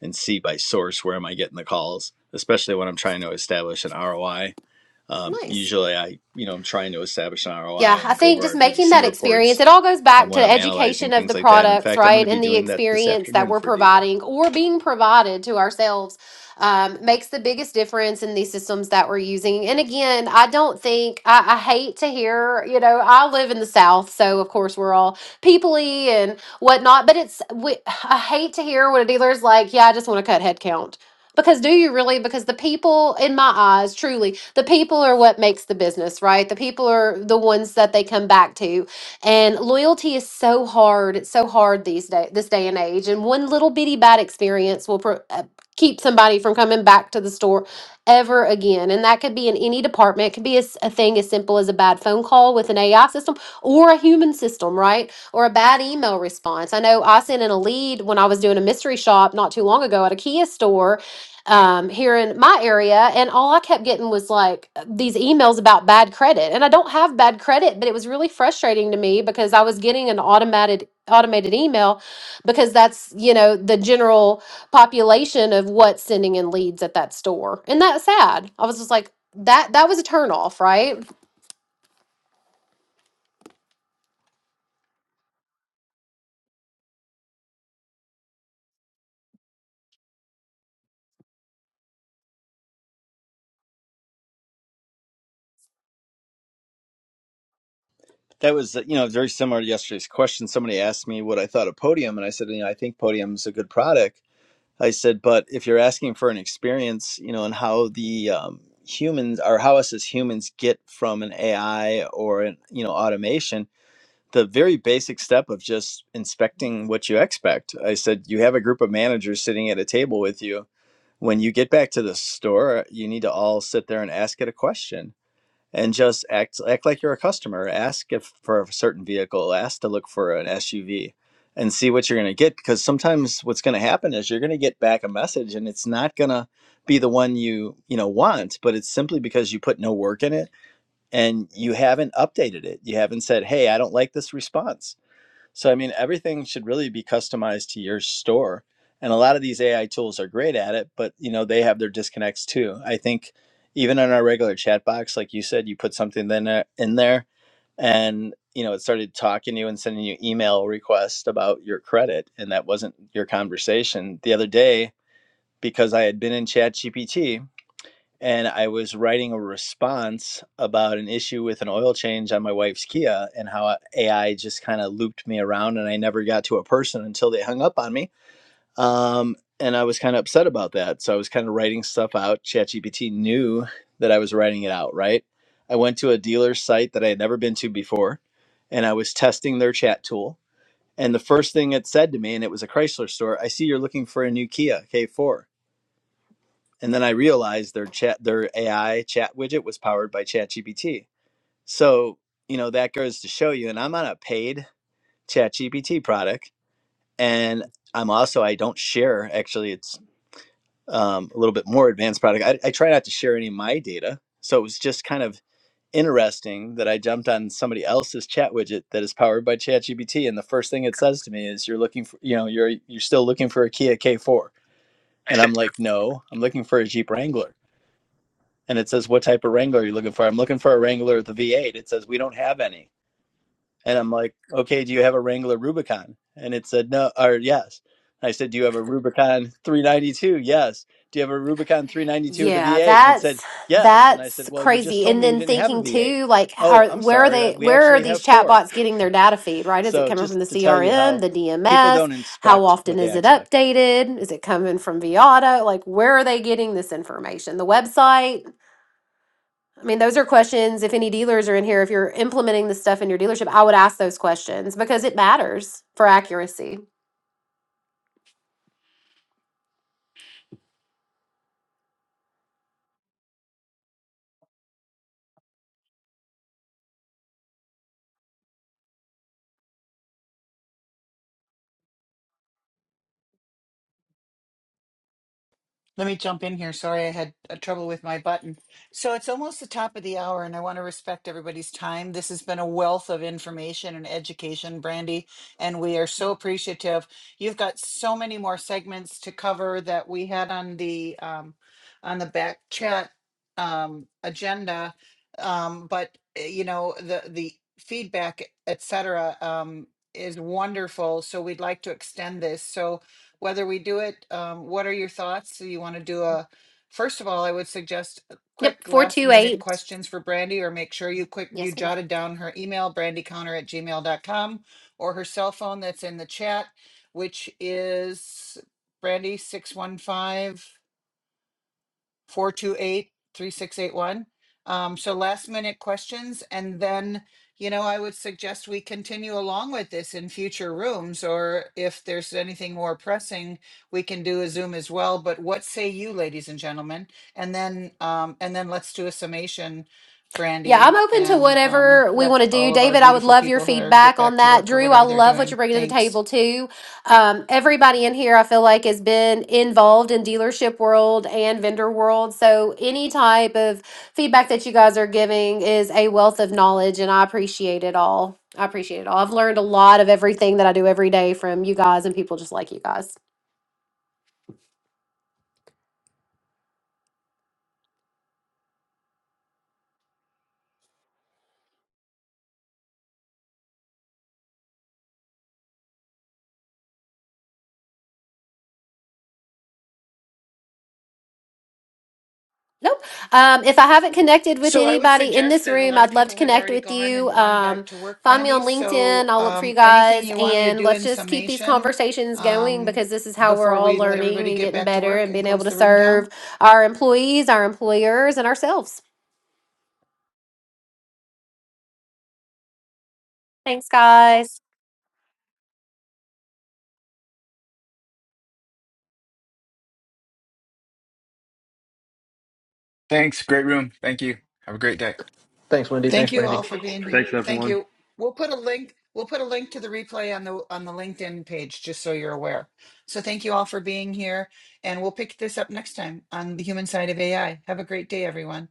Speaker 8: and see by source where am I getting the calls, especially when I'm trying to establish an ROI Um,
Speaker 1: Nice.
Speaker 8: usually, I you know I'm trying to establish an
Speaker 1: Yeah,
Speaker 8: ROI
Speaker 1: I
Speaker 8: and go
Speaker 1: think
Speaker 8: over
Speaker 1: just
Speaker 8: our
Speaker 1: making
Speaker 8: BDC
Speaker 1: that experience,
Speaker 8: reports
Speaker 1: it all goes
Speaker 8: um,
Speaker 1: back to
Speaker 8: when
Speaker 1: the
Speaker 8: I'm analyzing
Speaker 1: education of
Speaker 8: things
Speaker 1: the
Speaker 8: like that. In
Speaker 1: products,
Speaker 8: fact, I'm going
Speaker 1: right?
Speaker 8: to be
Speaker 1: And the
Speaker 8: doing that this
Speaker 1: experience that
Speaker 8: afternoon
Speaker 1: we're
Speaker 8: for a dealer.
Speaker 1: providing or being provided to ourselves um, makes the biggest difference in these systems that we're using. And again, I don't think, I, I hate to hear, you know, I live in the South, so of course we're all peoply and whatnot, but it's, we, I hate to hear when a dealer's like, yeah, I just want to cut headcount. Because do you really? Because the people, in my eyes, truly, the people are what makes the business, right? The people are the ones that they come back to. And loyalty is so hard. It's so hard these day, this day and age. And one little bitty bad experience will pro- uh, keep somebody from coming back to the store ever again. And that could be in any department. It could be a, s- a thing as simple as a bad phone call with an AI system or a human system, right? Or a bad email response. I know I sent in a lead when I was doing a mystery shop not too long ago at a Kia store um, here in my area, and all I kept getting was like these emails about bad credit, and I don't have bad credit, but it was really frustrating to me because I was getting an automated automated email because that's you know the general population of what's sending in leads at that store, and that's sad. I was just like that that was a turnoff, right?
Speaker 8: That was you know very similar to yesterday's question. Somebody asked me what I thought of Podium, and I said you know I think Podium's a good product. I said, but if you're asking for an experience, you know, and how the um, humans or how us as humans get from an AI or an you know automation the very basic step of just inspecting what you expect. I said, you have a group of managers sitting at a table with you. When you get back to the store, you need to all sit there and ask it a question and just act act like you're a customer. Ask if for a certain vehicle, ask to look for an SUV and see what you're going to get because sometimes what's going to happen is you're going to get back a message and it's not going to be the one you, you know, want, but it's simply because you put no work in it and you haven't updated it. You haven't said, "Hey, I don't like this response." So I mean, everything should really be customized to your store. And a lot of these AI tools are great at it, but you know, they have their disconnects too. I think even on our regular chat box, like you said, you put something in there, in there and you know, it started talking to you and sending you email requests about your credit and that wasn't your conversation. The other day, because I had been in ChatGPT and I was writing a response about an issue with an oil change on my wife's Kia and how AI just kind of looped me around and I never got to a person until they hung up on me. Um, and I was kind of upset about that. So I was kind of writing stuff out. ChatGPT knew that I was writing it out, right? I went to a dealer's site that I had never been to before and I was testing their chat tool. And the first thing it said to me, and it was a Chrysler store, I see you're looking for a new Kia K4. And then I realized their chat, their AI chat widget was powered by ChatGPT. So, you know, that goes to show you, and I'm on a paid ChatGPT product. And I'm also, I don't share, actually, it's um, a little bit more advanced product. I, I try not to share any of my data. So it was just kind of interesting that I jumped on somebody else's chat widget that is powered by ChatGPT. And the first thing it says to me is, you're looking for, you know, you're, you're still looking for a Kia K4. And I'm like, no, I'm looking for a Jeep Wrangler and it says, What type of Wrangler are you looking for? I'm looking for a Wrangler with a V8. It says, We don't have any. And I'm like, Okay, do you have a Wrangler Rubicon? And it said, No, or yes. And I said, Do you have a Rubicon 392? Yes. Do you have a Rubicon 392 with a
Speaker 1: Yeah,
Speaker 8: V8? And it
Speaker 1: that's
Speaker 8: said, Yes. And I said,
Speaker 1: that's
Speaker 8: Well, you just
Speaker 1: crazy.
Speaker 8: told
Speaker 1: And
Speaker 8: me you
Speaker 1: then
Speaker 8: didn't have a
Speaker 1: thinking
Speaker 8: V8.
Speaker 1: too, like,
Speaker 8: Oh,
Speaker 1: are
Speaker 8: I'm
Speaker 1: where are
Speaker 8: sorry.
Speaker 1: they?
Speaker 8: We
Speaker 1: Where are
Speaker 8: actually have
Speaker 1: these
Speaker 8: four.
Speaker 1: chatbots getting their data feed? Right? Is it
Speaker 8: So
Speaker 1: coming from
Speaker 8: just
Speaker 1: the
Speaker 8: to tell you
Speaker 1: CRM,
Speaker 8: how
Speaker 1: the
Speaker 8: people
Speaker 1: DMS?
Speaker 8: don't
Speaker 1: How
Speaker 8: inspect
Speaker 1: often
Speaker 8: what
Speaker 1: is
Speaker 8: they
Speaker 1: it
Speaker 8: expect.
Speaker 1: updated? Is it coming from Viata? Like, where are they getting this information? The website? I mean, those are questions. If any dealers are in here, if you're implementing this stuff in your dealership, I would ask those questions because it matters for accuracy.
Speaker 2: Let me jump in here. Sorry, I had uh, trouble with my button. So it's almost the top of the hour, and I want to respect everybody's time. This has been a wealth of information and education, Brandy, and we are so appreciative. You've got so many more segments to cover that we had on the um, on the back chat um, agenda, um, but uh, you know the the feedback, etc., um, is wonderful. So we'd like to extend this. So whether we do it. Um, what are your thoughts? Do you want to do a, first of all, I would suggest a
Speaker 1: Yep,
Speaker 2: quick
Speaker 1: four
Speaker 2: last
Speaker 1: two
Speaker 2: minute
Speaker 1: eight.
Speaker 2: questions for Brandy or make sure you quick,
Speaker 1: Yes, ma'am.
Speaker 2: you jotted down her email, brandyconnor at gmail dot com, or her cell phone that's in the chat, which is Brandy 615 four two eight three six eight one. Um, so last minute questions, and then, you know, I would suggest we continue along with this in future rooms, or if there's anything more pressing, we can do a Zoom as well. But what say you, ladies and gentlemen? And then, um, and then let's do a summation,
Speaker 1: Yeah, I'm
Speaker 2: Brandy,
Speaker 1: open to
Speaker 2: and um,
Speaker 1: whatever we want
Speaker 2: let
Speaker 1: to do.
Speaker 2: all of our
Speaker 1: David, I would
Speaker 2: beautiful
Speaker 1: love your
Speaker 2: people here get
Speaker 1: feedback on
Speaker 2: back to
Speaker 1: that.
Speaker 2: work or
Speaker 1: Drew, I
Speaker 2: whatever they're
Speaker 1: love what you're
Speaker 2: doing.
Speaker 1: bringing to the
Speaker 2: Thanks.
Speaker 1: table too. Um, everybody in here, I feel like, has been involved in dealership world and vendor world. So any type of feedback that you guys are giving is a wealth of knowledge, and I appreciate it all. I appreciate it all. I've learned a lot of everything that I do every day from you guys and people just like you guys. Nope. Um, if I haven't connected with
Speaker 2: So I would
Speaker 1: anybody in
Speaker 2: suggest
Speaker 1: this
Speaker 2: that a
Speaker 1: room,
Speaker 2: lot of
Speaker 1: I'd love to
Speaker 2: people have
Speaker 1: connect
Speaker 2: already
Speaker 1: with
Speaker 2: gone
Speaker 1: you.
Speaker 2: and gone
Speaker 1: Um,
Speaker 2: back to work,
Speaker 1: find me
Speaker 2: Brandy.
Speaker 1: on LinkedIn.
Speaker 2: So
Speaker 1: I'll look for
Speaker 2: um,
Speaker 1: you
Speaker 2: anything
Speaker 1: guys.
Speaker 2: you wanted to
Speaker 1: And
Speaker 2: do
Speaker 1: let's
Speaker 2: in
Speaker 1: just keep these
Speaker 2: summation
Speaker 1: conversations going
Speaker 2: um,
Speaker 1: because this is how we're
Speaker 2: before
Speaker 1: all
Speaker 2: we let
Speaker 1: learning
Speaker 2: everybody
Speaker 1: and
Speaker 2: get
Speaker 1: getting
Speaker 2: back to
Speaker 1: better
Speaker 2: work
Speaker 1: and
Speaker 2: and
Speaker 1: being able
Speaker 2: close
Speaker 1: to
Speaker 2: the room
Speaker 1: serve
Speaker 2: down?
Speaker 1: our employees, our employers, and ourselves. Thanks, guys.
Speaker 6: Thanks. Great room. Thank you. Have a great day.
Speaker 9: Thanks, Wendy.
Speaker 2: Thank
Speaker 9: Thanks,
Speaker 2: you
Speaker 9: Wendy.
Speaker 2: all for being here.
Speaker 10: Thanks,
Speaker 2: Thank
Speaker 10: everyone.
Speaker 2: you. We'll put a link. We'll put a link to the replay on the on the LinkedIn page, just so you're aware. So thank you all for being here, and we'll pick this up next time on the human side of AI. Have a great day, everyone.